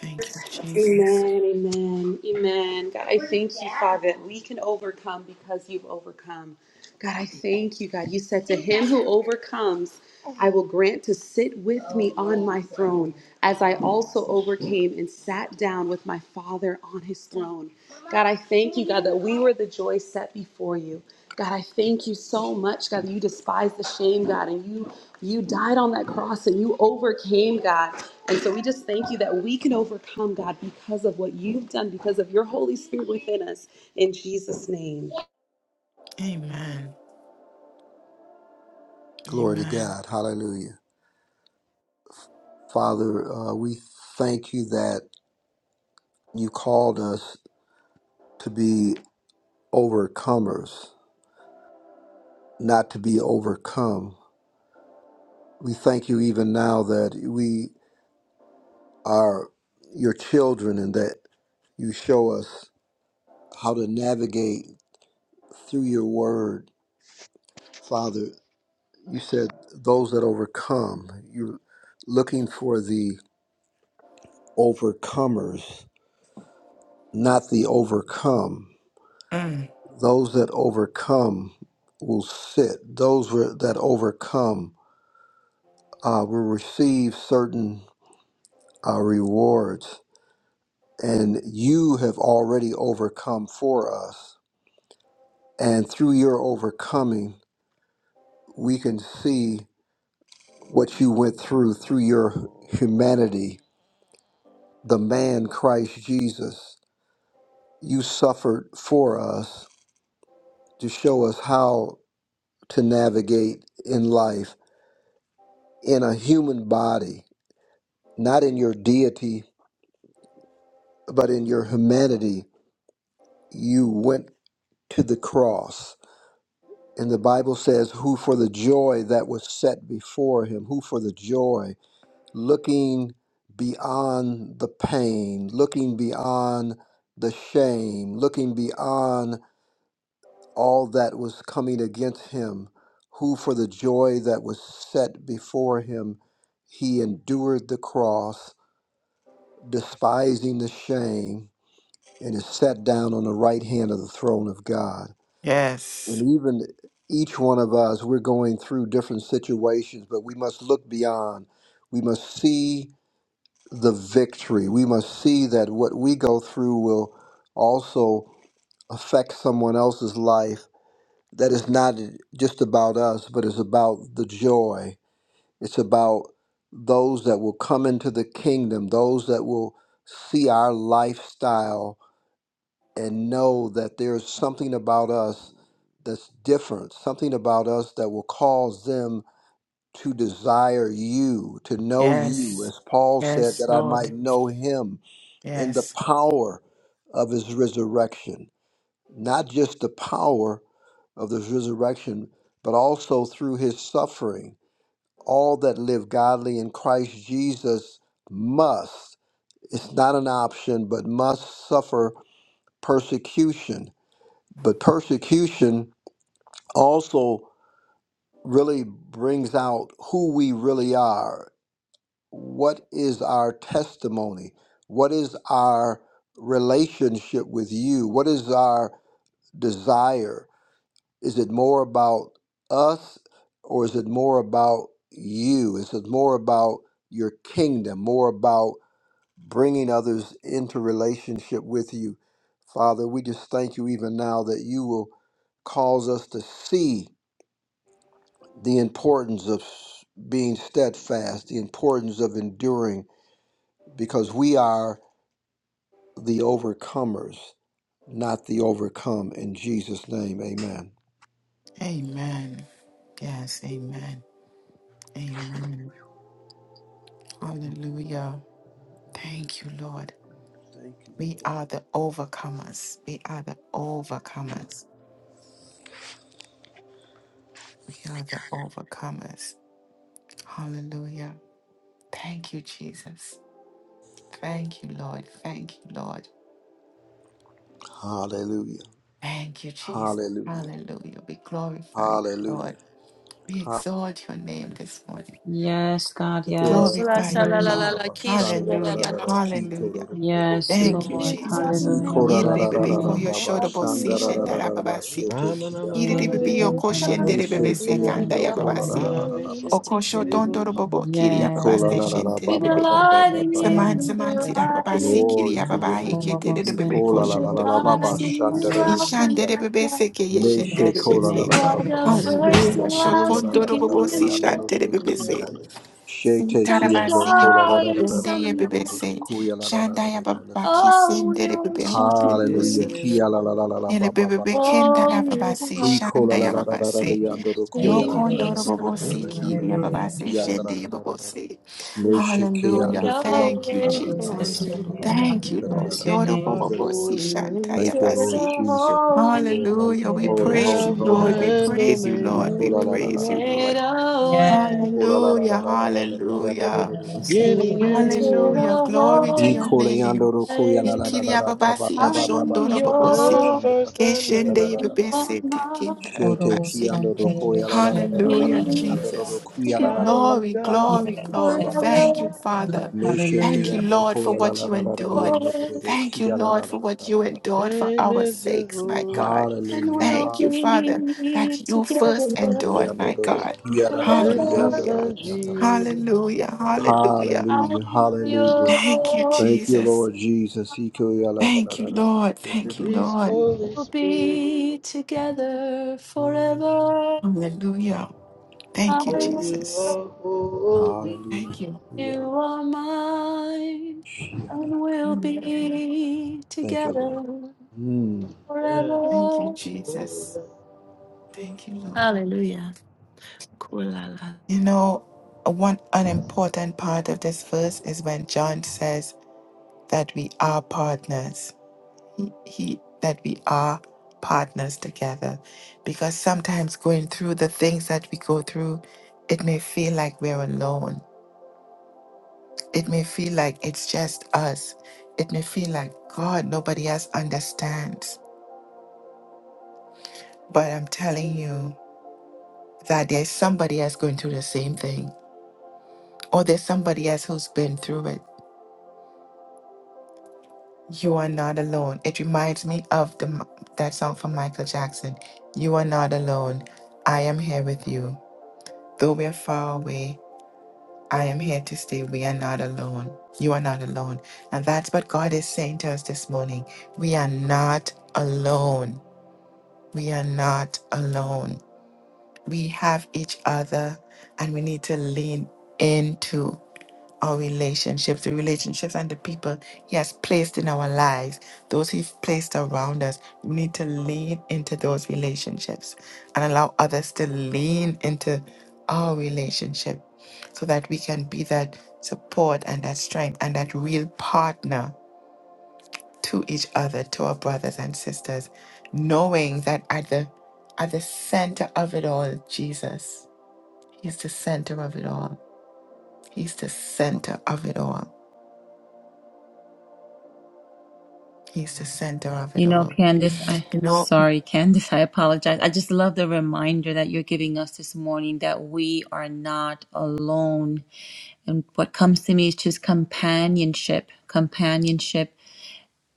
S1: Thank you, Jesus.
S7: Amen, amen, amen. God, I thank you, Father, that we can overcome because you've overcome. God, I thank you, God. You said to him who overcomes, I will grant to sit with me on my throne, as I also overcame and sat down with my Father on his throne. God, I thank you, God, that we were the joy set before you. God, I thank you so much, God. that You despise the shame, God, and you you died on that cross and you overcame, God. And so we just thank you that we can overcome, God, because of what you've done, because of your Holy Spirit within us. In Jesus' name.
S1: Amen.
S9: Glory to
S1: Amen.
S9: God. Hallelujah. Father, uh, we thank you that you called us to be overcomers, not to be overcome. We thank you even now that we are your children and that you show us how to navigate through your word. Father, you said those that overcome, you're looking for the overcomers, not the overcome.
S1: Mm.
S9: Those that overcome will sit, those were- that overcome uh, will receive certain uh, rewards. and you have already overcome for us. And through your overcoming, we can see what you went through through your humanity, the man Christ Jesus. You suffered for us to show us how to navigate in life in a human body, not in your deity, but in your humanity. You went to the cross And the Bible says, who for the joy that was set before him, who for the joy, looking beyond the pain, looking beyond the shame, looking beyond all that was coming against him, who for the joy that was set before him, he endured the cross, despising the shame, and is set down on the right hand of the throne of God.
S1: Yes.
S9: and even each one of us, we're going through different situations, but we must look beyond. We must see the victory. We must see that what we go through will also affect someone else's life. That is not just about us, but it's about the joy. It's about those that will come into the kingdom, those that will see our lifestyle and know that there's something about us that's different, something about us that will cause them to desire you, to know you,
S1: Yes.
S9: as Paul said,
S1: Yes,
S9: that I might
S1: Lord.
S9: know him in the
S1: Yes.
S9: power of his resurrection. Not just the power of his resurrection, but also through his suffering. All that live godly in Christ Jesus must, it's not an option, but must suffer persecution but persecution also really brings out who we really are. What is our testimony? What is our relationship with you? What is our desire? Is it more about us or is it more about you? Is it more about your kingdom, more about bringing others into relationship with you? Father, we just thank you even now that you will cause us to see the importance of being steadfast, the importance of enduring, because we are the overcomers, not the overcome. In Jesus' name, amen.
S1: Amen. Yes. Amen. Amen. Hallelujah. Thank you, Lord.
S9: Thank you,
S1: We
S9: Lord.
S1: are the overcomers. We are the overcomers. We are the overcomers. Hallelujah. Thank you, Jesus. Thank you, Lord. Thank you, Lord.
S9: Hallelujah.
S1: Thank you, Jesus.
S9: Hallelujah.
S1: Hallelujah. We glorify you,
S9: Hallelujah.
S1: Lord. We
S9: Ha-
S1: exalt your name this morning.
S3: Yes, God,
S1: We
S9: Kora-
S3: yes.
S2: La
S1: glorify
S2: sha
S1: you,
S2: la la
S3: Hallelujah.
S2: la
S1: God.
S2: la,
S9: Baba-
S2: Keisha la
S9: Shanda- Ra-
S2: la
S9: Ra-
S2: la
S1: Hallelujah.
S9: Ra-
S2: la.
S9: Ra- Ki- Toro-
S1: Hallelujah.
S9: Ro- Ro- Ro-
S3: Yes,
S1: Thank you,
S9: Shete.
S3: Lord.
S2: It's your
S1: Jesus.
S9: I-
S3: Hallelujah. We
S9: Kora- Ra-
S2: name,
S9: Ra-
S3: bless
S9: Ra-
S3: your
S1: Yerebebe
S9: Ra- Ra-
S1: koyo
S3: name.
S9: Baba-
S1: shodobo si
S9: Shanda- Ra- Ra-
S2: Lord.
S9: Ra-
S1: shendara
S9: Ra- Ra- Ba-
S1: babasi.
S9: Shete- Ki-
S5: Ramana
S9: Ya.
S5: mama
S3: Yes.
S1: Kiribebe
S5: city,
S2: We'll
S1: yoko
S2: delight
S3: Hallelujah.
S9: Me-
S1: shenderebebe se
S9: Shete-
S2: in
S1: kanda
S9: Yando-
S1: ya
S2: our
S9: Kola- La- La-
S1: babasi.
S9: La- La- La-
S5: Radabe
S9: la- Ba.
S2: gaze
S5: city,
S2: to
S1: Okosho
S5: kitty
S1: dondoro
S2: you.
S1: bobo kiri
S9: I-
S1: ya
S9: ko- la-
S1: babase
S9: la- la- la-
S2: We
S9: ba- ba-
S1: shenderebebe.
S9: ba- ba-
S2: delight
S9: ba-
S2: in
S9: ba- ba-
S2: you,
S1: Saman
S2: we
S1: saman sidar
S2: delight in
S1: babasi
S2: you,
S1: kiri
S9: Glory
S1: ya
S9: to your
S5: Ramana
S1: babahe ke
S9: name.
S5: mama
S1: derebebe
S5: city,
S9: Kola
S2: we
S9: la
S1: kosho
S9: la la
S1: dondoro
S5: kitty
S9: la la
S5: bush.
S1: bobo
S2: delight
S9: ba
S1: si.
S2: in you,
S9: shandele de
S2: Alpha and
S9: kita.
S1: Ishanderebebe
S2: Omega.
S1: se ke ye
S3: We
S9: Neshe
S3: Bless
S1: shenderebebe
S3: your
S9: kola la
S3: name,
S1: se.
S9: la
S2: You
S9: la la
S3: God.
S2: are
S3: We
S9: ba
S2: the
S9: mama
S3: bless
S9: ni
S3: you.
S2: first
S1: Hallelujah.
S9: ando.
S2: and
S9: Koya
S2: last,
S9: la
S5: Rishete
S9: la
S1: Shokondoro
S9: la la
S5: kitty
S1: bobo
S9: la
S2: beginning
S1: si
S2: and the
S9: la ando do
S2: end,
S9: do
S1: shanderebebe se.
S9: kita. Shete
S2: Son
S9: ki
S2: of
S9: ando
S1: Tarabasi
S9: kola la
S1: apo
S2: God
S9: la
S2: and
S9: la
S2: the
S9: la la
S2: Son of
S1: deye
S9: la
S1: bebe
S9: ando do
S2: Man.
S9: do
S1: se
S9: koya la la la la
S1: shandaya
S9: la la
S1: baba
S9: la.
S1: ki
S2: Oh, we
S1: sendere bebe
S2: worship
S1: hoşleri bose
S9: Hallelujah.
S2: you,
S9: Kia la la
S5: Mama
S9: la la la
S1: ele
S9: ba ba
S1: bebe
S9: ba
S1: be
S9: ba
S5: city.
S9: ba.
S2: oh,
S1: kendara
S2: we
S1: baba
S2: worship
S1: se
S9: Free
S2: you,
S9: kola la
S1: shandaya
S9: la la
S1: baba
S9: la la
S1: se
S3: Hallelujah.
S9: la ando do koya la la la la
S1: yokondoro
S2: Jesus.
S9: la
S1: baba
S9: la
S1: se
S9: la
S5: Shindle
S9: la
S1: kiriya
S9: do
S5: kitty
S9: do
S1: baba se
S9: kia la la la
S1: shendeye
S9: la
S1: baba
S9: la.
S1: se
S2: You
S9: Neshiki
S2: made
S1: Hallelujah.
S9: yando
S2: a
S9: kula
S1: Thank you,
S3: We
S2: way
S9: rara rara
S2: for
S1: Jesus.
S3: bless your
S9: yando
S1: Mhm.
S3: name,
S2: me.
S9: roro
S3: God.
S1: Thank
S3: We
S1: you,
S9: kita rara
S1: Lord.
S3: bless your
S9: rara.
S1: Yoro
S5: You are
S9: Thank you,
S3: name.
S1: baba se
S9: Lord.
S5: holy,
S1: shandaya
S2: Into
S9: Thank you,
S2: the
S9: Lord
S1: basi.
S9: Jesus.
S2: holy,
S9: Lord,
S1: Hallelujah. We
S9: Holy,
S1: praise
S9: holy,
S1: you,
S3: Elevation,
S5: Alpha
S9: holy,
S1: Lord. We
S3: God.
S9: holy.
S5: and
S1: praise you,
S5: Omega,
S1: Lord. We
S9: Kula la
S2: you
S9: la
S3: Hallelujah.
S9: la la
S1: praise
S9: la
S1: you,
S9: la. la
S2: made
S9: la.
S1: Lord.
S2: a way.
S3: Yes.
S9: Kula la la
S1: Hallelujah.
S9: la la la la la. Yando
S1: Hallelujah.
S9: roro roro
S3: Elevation,
S9: kita.
S2: You
S5: beginning and the
S2: Into
S3: elevation.
S5: end.
S1: Hallelujah. Glory to your
S2: the
S3: Hallelujah.
S9: Kula yando
S1: name.
S9: roro kuya la
S2: holy,
S9: la la la
S1: Ikiria
S9: la. Ba ba
S1: babasi
S9: ba ba ba ba
S2: I'm
S1: yoshondono
S9: ba
S3: Hallelujah.
S9: ba ba.
S5: You're
S1: bobosi.
S5: the
S9: Shanda
S5: first
S2: yours.
S5: and the
S9: kita
S1: Keshende
S9: la
S5: last.
S3: Elevation,
S9: la la
S2: You
S9: la la.
S2: are
S1: yebebese
S2: not
S1: tekindara
S9: Shete
S1: babasi.
S3: elevation.
S9: kiyando roro kuya la la
S3: elevation.
S9: la la la la
S1: Hallelujah,
S9: la.
S2: Be
S9: Yando
S3: Hallelujah.
S9: roro
S1: Jesus.
S9: kuya la la la
S2: together
S9: ba
S5: Triune
S1: Glory,
S9: ba
S5: God,
S9: ba
S1: glory,
S5: you
S9: ba
S5: are.
S9: ba
S1: glory.
S3: Elevation,
S9: ba ba
S1: Thank
S9: ba.
S1: you,
S2: forever,
S3: elevation.
S1: Father.
S3: Lord,
S9: Hallelujah.
S1: Thank you,
S3: Hallelujah.
S1: Lord, for what you endured.
S9: Hallelujah.
S1: Thank you, Lord, for what you endured for
S5: Name
S1: our
S5: is
S1: sakes, my
S5: Jehovah.
S1: God.
S2: and we'll
S1: Thank you, Father,
S2: be
S1: that you first
S2: together
S1: endured, my God.
S5: You sent your
S2: forever.
S1: Hallelujah.
S5: Son Jesus.
S1: Hallelujah. Hallelujah.
S2: I'm
S9: Hallelujah.
S2: yours.
S1: Thank you,
S9: Thank you,
S1: Jesus.
S9: Lord Jesus.
S1: Thank you, Lord. Thank
S9: Hallelujah.
S1: you,
S5: Release
S1: Lord.
S5: Holy
S2: We'll
S5: Spirit,
S2: be together forever.
S1: Hallelujah.
S2: I
S1: Thank you,
S5: for
S2: am
S5: you
S1: Jesus.
S5: are
S2: yours,
S5: holy.
S1: Thank you.
S2: you are mine, and we'll
S1: Hallelujah.
S2: be
S9: Thank you,
S2: together
S9: Lord. Mm.
S5: Yes.
S1: Thank you,
S2: forever.
S5: holy.
S1: Jesus. Thank you, Lord.
S2: Hallelujah. Kulala.
S1: You know, one an important part of this verse is when John says that we are partners. He, he that we are partners together. Because sometimes going through the things that we go through, it may feel like we're alone It may feel like it's just us. It may feel like, God, nobody else understands. But I'm telling you that there's somebody else going through the same thing, or there's somebody else who's been through it. You are not alone. It reminds me of the, m- that song from Michael Jackson You are not alone. I am here with you. Though we are far away, I am here to stay. We are not alone. You are not alone. And that's what God is saying to us this morning. We are not alone. We are not alone. We have each other and we need to lean into our relationships, the relationships and the people He has placed in our lives, those He's placed around us. We need to lean into those relationships and allow others to lean into our relationship so that we can be that support and that strength and that real partner to each other, to our brothers and sisters, knowing that at the at the center of it all Jesus. He's the center of it all. He's the center of it all. He's the center of it
S3: You know,
S1: all.
S3: Candice, I
S1: You know,
S3: sorry, Candice, I apologize. I just love the reminder that you're giving us this morning that we are not alone. And what comes to me is just companionship, companionship.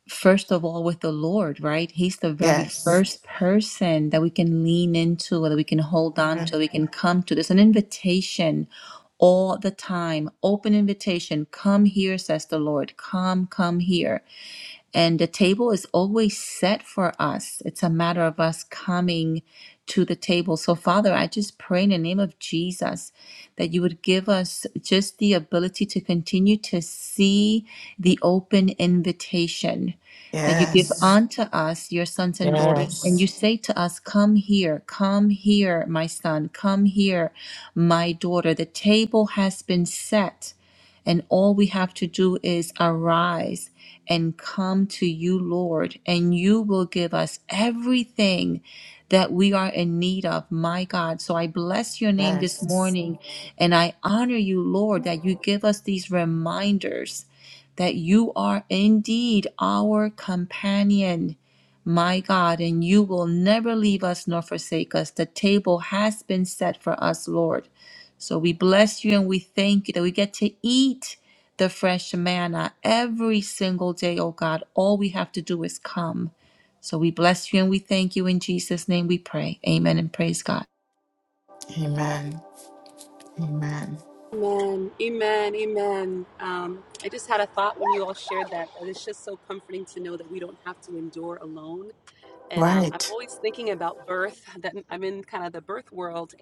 S3: First of all, with the Lord, right? He's the very
S1: yes.
S3: first person that we can lean into, that we can hold on
S1: Mhm.
S3: to, we can come to. There's an invitation all the time, open invitation. Come here, says the Lord. Come, come here. And the table is always set for us. It's a matter of us coming to the table. So, Father, I just pray in the name of Jesus that you would give us just the ability to continue to see the open invitation that you give Mhm.
S1: Yes.
S3: unto us, your sons and daughters. And you
S1: Yes.
S3: say to us, Come here, come here, my son, come here, my daughter. The table has been set and all we have to do is arise and come to you, Lord, and you will give us everything that we are in need of, my God. So I bless your name this
S1: Yes.
S3: morning and I honor you, Lord, that you give us these reminders that you are indeed our companion. My God, and you will never leave us nor forsake us. The table has been set for us, Lord. So we bless you and we thank you that we get to eat the fresh manna every single day, oh God. All we have to do is come. So we bless you and we thank you. In Jesus' name we pray. Amen and praise God.
S1: Amen. Amen.
S7: Amen, amen, amen. Um, I just had a thought when you all shared that. and It's just so comforting to know that we don't have to endure alone. And um, I'm
S1: Right.
S7: always thinking about birth, that I'm in kind of the birth world.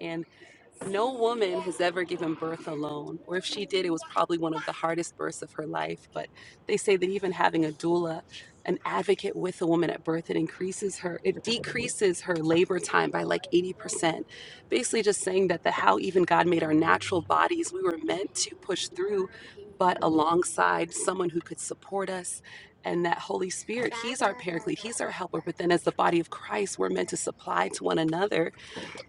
S7: No woman has ever given birth alone, or if she did, it was probably one of the hardest births of her life. But they say that even having a doula, an advocate with a woman at birth, it increases her, it decreases her labor time by like 80%. Basically, just saying that the how even God made our natural bodies, we were meant to push through, but alongside someone who could support us. And that Holy Spirit, He's our paraclete, He's our helper. But then, as the body of Christ, we're meant to supply to one another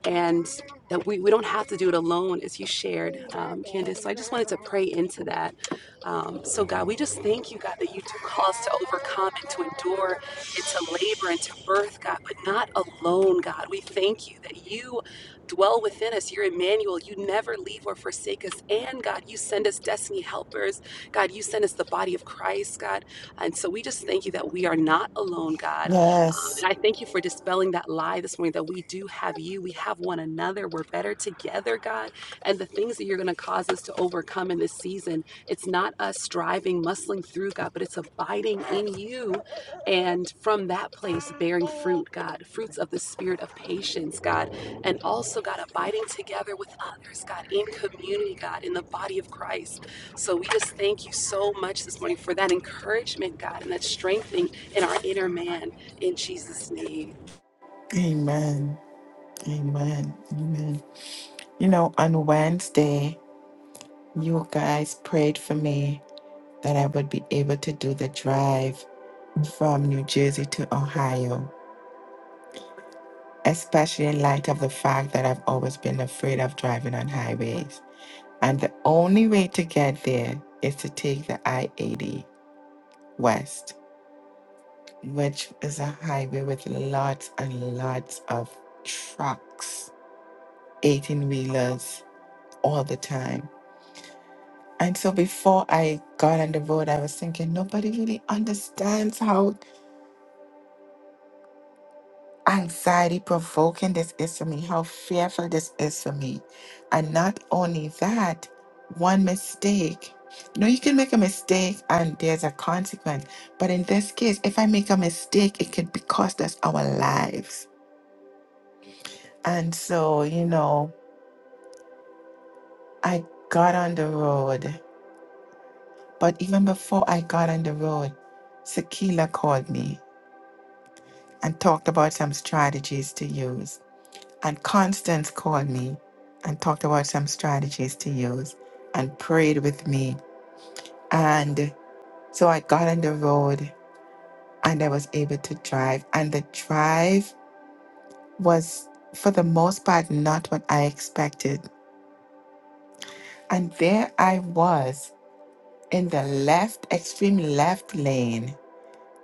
S7: and that we, we don't have to do it alone, as you shared, um, Candace. So I just wanted to pray into that. Um, so, God, we just thank you, God, that you do call us to overcome and to endure and to labor and to birth, God, but not alone, God. We thank you that you dwell within us. You're Emmanuel. You never leave or forsake us. And, God, you send us destiny helpers. God, you send us the body of Christ, God. And so we just thank you that we are not alone, God.
S1: Yes.
S7: And I thank you for dispelling that lie this morning that we do have you. We have one another. We're better together, God. And the things that you're going to cause us to overcome in this season, it's not us striving, muscling through, God, but it's abiding in you. And from that place, bearing fruit, God, fruits of the spirit of patience, God. And also, God, abiding together with others, God, in community, God, in the body of Christ. So we just thank you so much this morning for that encouragement, God, and that strengthening in our inner man. In Jesus' name.
S1: Amen. Amen. Amen. You know, on Wednesday, you guys prayed for me that I would be able to do the drive from New Jersey to Ohio, especially in light of the fact that I've always been afraid of driving on highways. And the only way to get there is to take the I 80 West, which is a highway with lots and lots of trucks, 18 wheelers all the time. And so before I got on the road, I was thinking nobody really understands how anxiety provoking this is for me, how fearful this is for me. And not only that, one mistake. No, you can make a mistake and there's a consequence. But in this case, if I make a mistake, it could be cost us our lives. And so, you know, I got on the road. But even before I got on the road, Sakila called me and talked about some strategies to use. And Constance called me and talked about some strategies to use and prayed with me. And so I got on the road and I was able to drive. And the drive was, for the most part, not what I expected. And there I was in the left, extreme left lane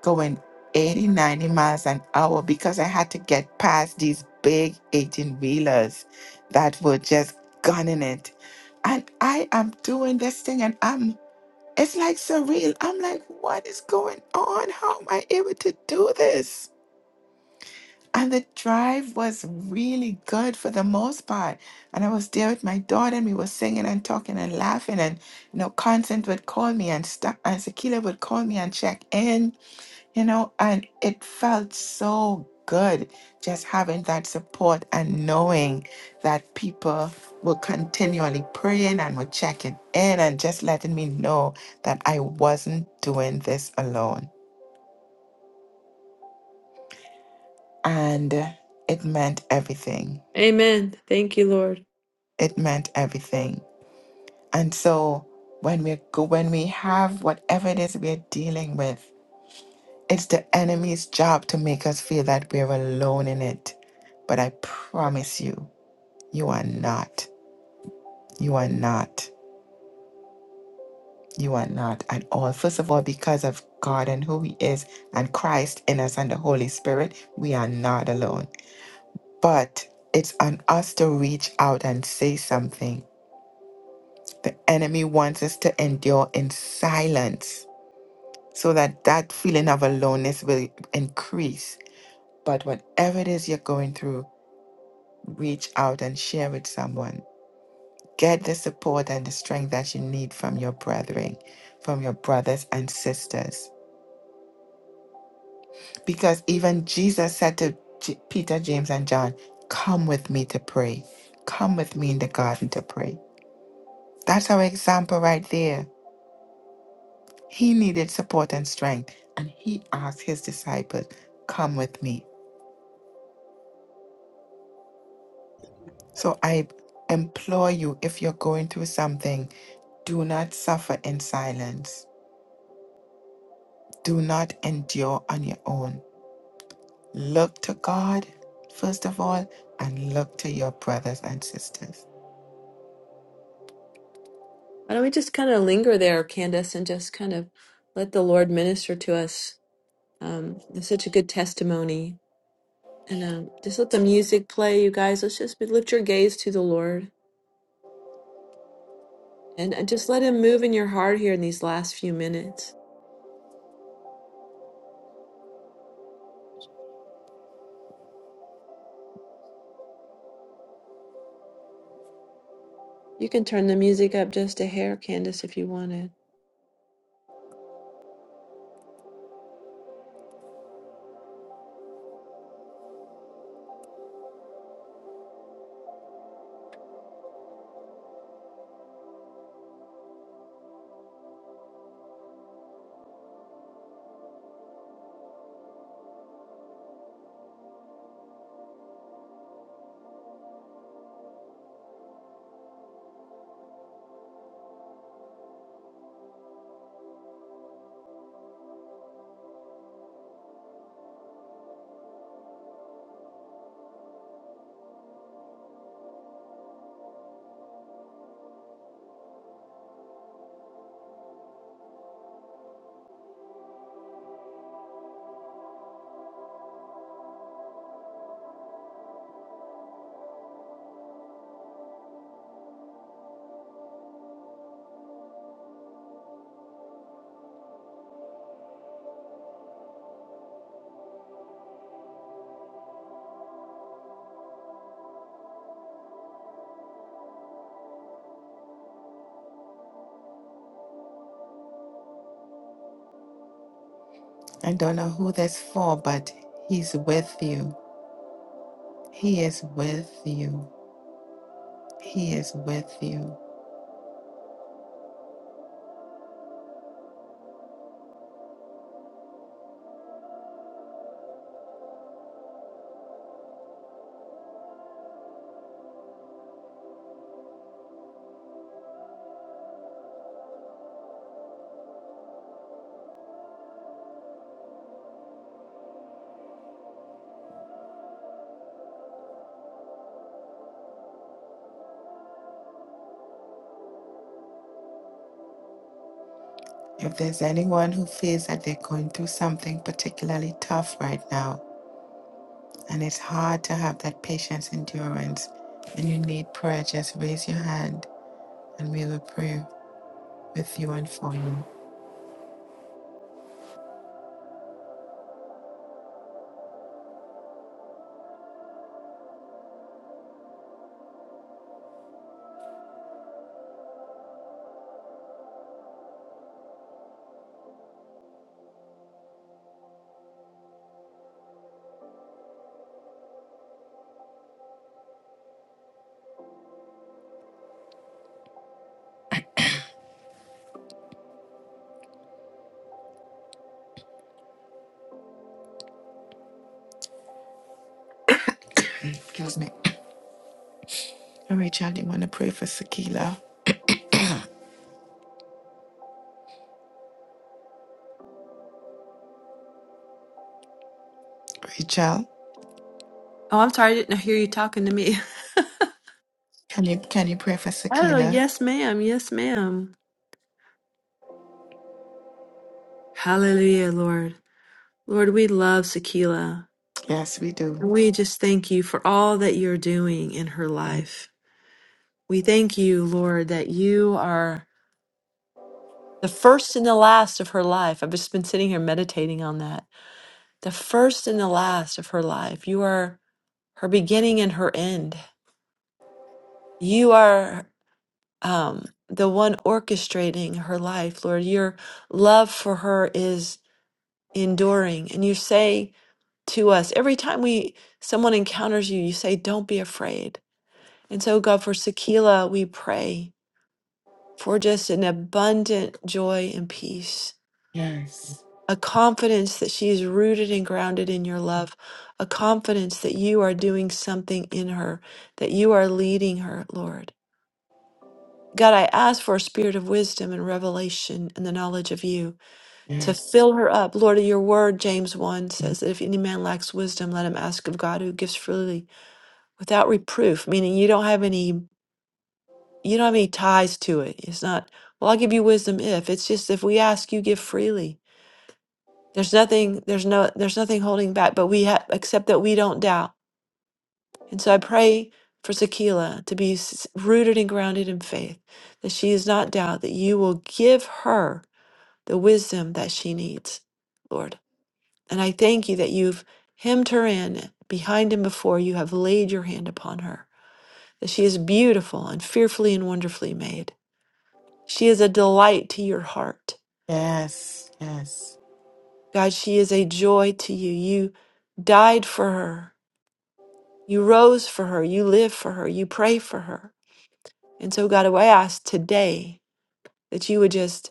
S1: going 80, 90 miles an hour because I had to get past these big 18 wheelers that were just gunning it. And I am doing this thing and I'm, it's like surreal. I'm like, what is going on? How am I able to do this? And the drive was really good for the most part. And I was there with my daughter and we were singing and talking and laughing. And, you know, Constant would call me and stuff, and Sakila would call me and check in you know, and it felt so good just having that support and knowing that people were continually praying and were checking in and just letting me know that I wasn't doing this alone. And it meant everything.
S2: Amen. Thank you, Lord.
S1: It meant everything. And so when we go when we have whatever it is we're dealing with, it's the enemy's job to make us feel that we're alone in it. But I promise you. You are not. You are not. You are not at all. First of all, because of God and who He is and Christ in us and the Holy Spirit, we are not alone. But it's on us to reach out and say something. The enemy wants us to endure in silence so that that feeling of aloneness will increase. But whatever it is you're going through, reach out and share with someone Get the support and the strength that you need from your brethren, from your brothers and sisters. Because even Jesus said to J- Peter, James, and John, Come with me to pray. Come with me in the garden to pray. That's our example right there. He needed support and strength, and he asked his disciples, Come with me. So I implore you, if you're going through something, do not suffer in silence. Do not endure on your own Look to God, first of all, and look to your brothers and sisters.
S2: Why don't we just kind of linger there, Candace, and just kind of let the Lord minister to us? Um, it's such a good testimony And um, just let the music play, you guys. Let's just be, lift your gaze to the Lord and, and just let Him move in your heart here in these last few minutes. You can turn the music up just a hair, Candace, if you wanted.
S1: I don't know who that's for, but He's with you. He is with you. He is with you. If there's anyone who feels that they're going through something particularly tough right now, and it's hard to have that patience, endurance, and you need prayer, just raise your hand and we will pray with you and for you. Excuse me. Rachel, do you want to pray for Sakila? Rachel?
S2: Oh, I'm sorry. I didn't hear you talking to me.
S1: Can you can you pray for
S2: Oh,
S1: Sakila?
S2: yes, ma'am. Yes, ma'am. Hallelujah, Lord. Lord, we love Sakila.
S1: Yes, we do.
S2: And we just thank you for all that you're doing in her life. We thank you, Lord, that you are the first and the last of her life. I've just been sitting here meditating on that the first and the last of her life. You are her beginning and her end. You are um, the one orchestrating her life, Lord. Your love for her is enduring. And you say to us every time we someone encounters you, you say, "Don't be afraid." And so, God, for Sakila, we pray for just an abundant joy and peace
S1: Yes.
S2: a confidence that she is rooted and grounded in your love, a confidence that you are doing something in her, that you are leading her, Lord. God, I ask for a spirit of wisdom and revelation and the knowledge of you to
S1: Yes.
S2: fill her up. Lord, your word, James 1 says that if any man lacks wisdom, let him ask of God who gives freely without reproof, meaning you don't have any you don't have any ties to it. It's not, well, I'll give you wisdom if. It's just if we ask, you give freely. There's nothing, there's no, there's nothing holding back, but we have, except that we don't doubt. And so I pray for Sakila to be s- rooted and grounded in faith, that she is not doubt, that you will give her the wisdom that she needs, Lord. And I thank you that you've hemmed her in behind and before you have laid your hand upon her, that she is beautiful and fearfully and wonderfully made. She is a delight to your heart.
S1: Yes. Yes.
S2: God, she is a joy to you. You died for her You rose for her. You live for her. You pray for her. And so, God, I ask today that you would just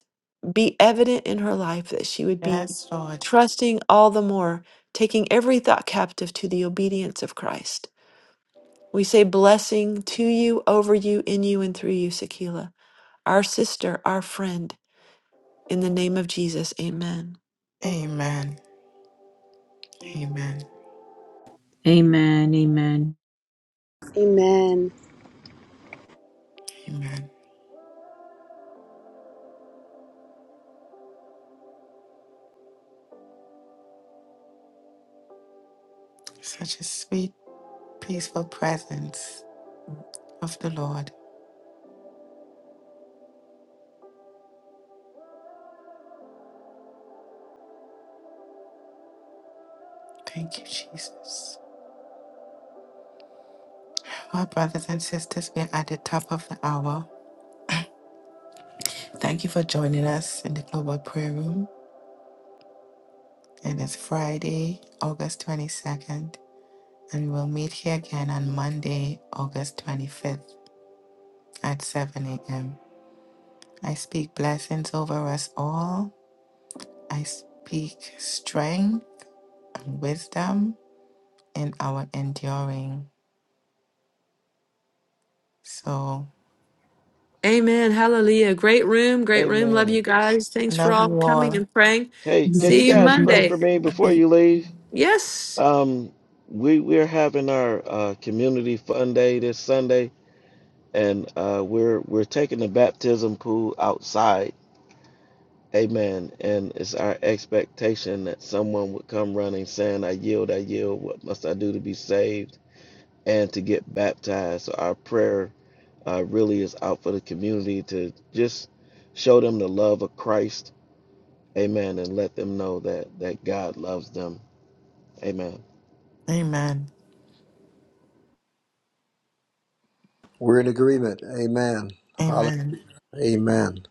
S2: be evident in her life, that she would be
S1: Yes, Lord.
S2: trusting all the more, taking every thought captive to the obedience of Christ. We say blessing to you, over you, in you, and through you, Sakila, our sister, our friend. In the name of Jesus, amen.
S1: Amen. Amen.
S3: Amen. Amen.
S7: Amen.
S1: Amen. Such a sweet, peaceful presence of the Lord. Thank you, Jesus. Our brothers and sisters, we are at the top of the hour. Thank you for joining us in the Global Prayer Room. And it's Friday, August 22nd. And we will meet here again on Monday, August 25th. at 7 a.m. I speak blessings over us all. I speak strength and wisdom in our enduring. So,
S2: Amen. Hallelujah. Great room. Great room. Love
S5: Amen.
S2: you guys. Thanks for
S1: love
S2: all
S1: you
S2: coming
S1: all.
S2: and praying.
S5: Hey, can you
S2: See you
S5: guys pray
S2: Monday.
S5: for
S3: Blessings.
S5: me before
S1: E-
S5: you leave?
S2: Yes.
S5: Um, we we're having our uh, community fun day this Sunday and uh, we're we're taking the baptism pool outside. Amen. And it's our expectation that someone would come running saying, I yield, I yield. What must I do to be saved and to get baptized? So our prayer uh, really is out for the community to just show them the love of Christ. Amen. And let them know that, that God loves them. Amen.
S1: Amen.
S9: We're in agreement. Amen. Hallelujah.
S1: Amen.
S9: Amen.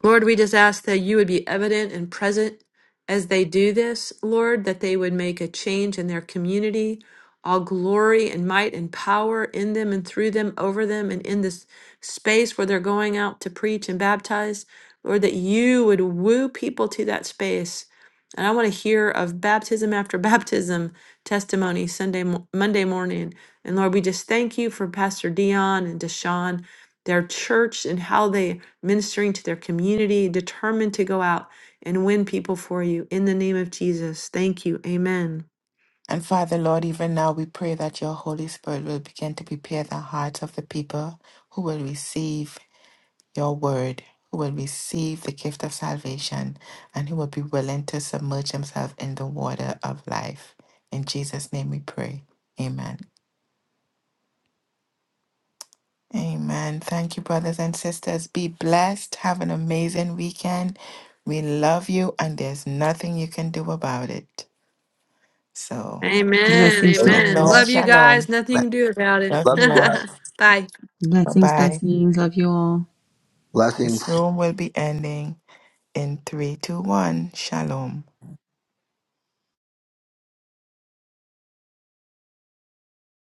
S2: Lord, we just ask that you would be evident and present as they do this, Lord, that they would make a change in their community. All glory and might and power in them and through them, over them, and in this space where they're going out to preach and baptize. Lord, that you would woo people to that space. And I want to hear of baptism after baptism testimony Sunday, mo- Monday morning. And Lord, we just thank you for Pastor Dion and Deshaun, their church, and how they ministering to their community, determined to go out and win people for you. In the name of Jesus, thank you. Amen.
S1: And Father, Lord, even now we pray that your Holy Spirit will begin to prepare the hearts of the people who will receive your word, who will receive the gift of salvation, and who will be willing to submerge himself in the water of life. In Jesus' name we pray. Amen. Amen. Thank you, brothers and sisters. Be blessed. Have an amazing weekend. We love you, and there's nothing you can do about it. So,
S2: Amen.
S3: Blessings
S9: Amen.
S3: to
S2: Amen.
S3: all.
S1: shalom,
S2: Love you
S1: shalom.
S2: guys. Nothing to do about it.
S1: Love
S9: Love
S1: you
S9: you
S1: all.
S9: guys.
S2: Bye.
S1: Bye
S3: Blessings,
S1: bye.
S3: blessings. Love you all.
S1: This
S9: Blessings.
S1: room will be ending in three, two, one. Shalom.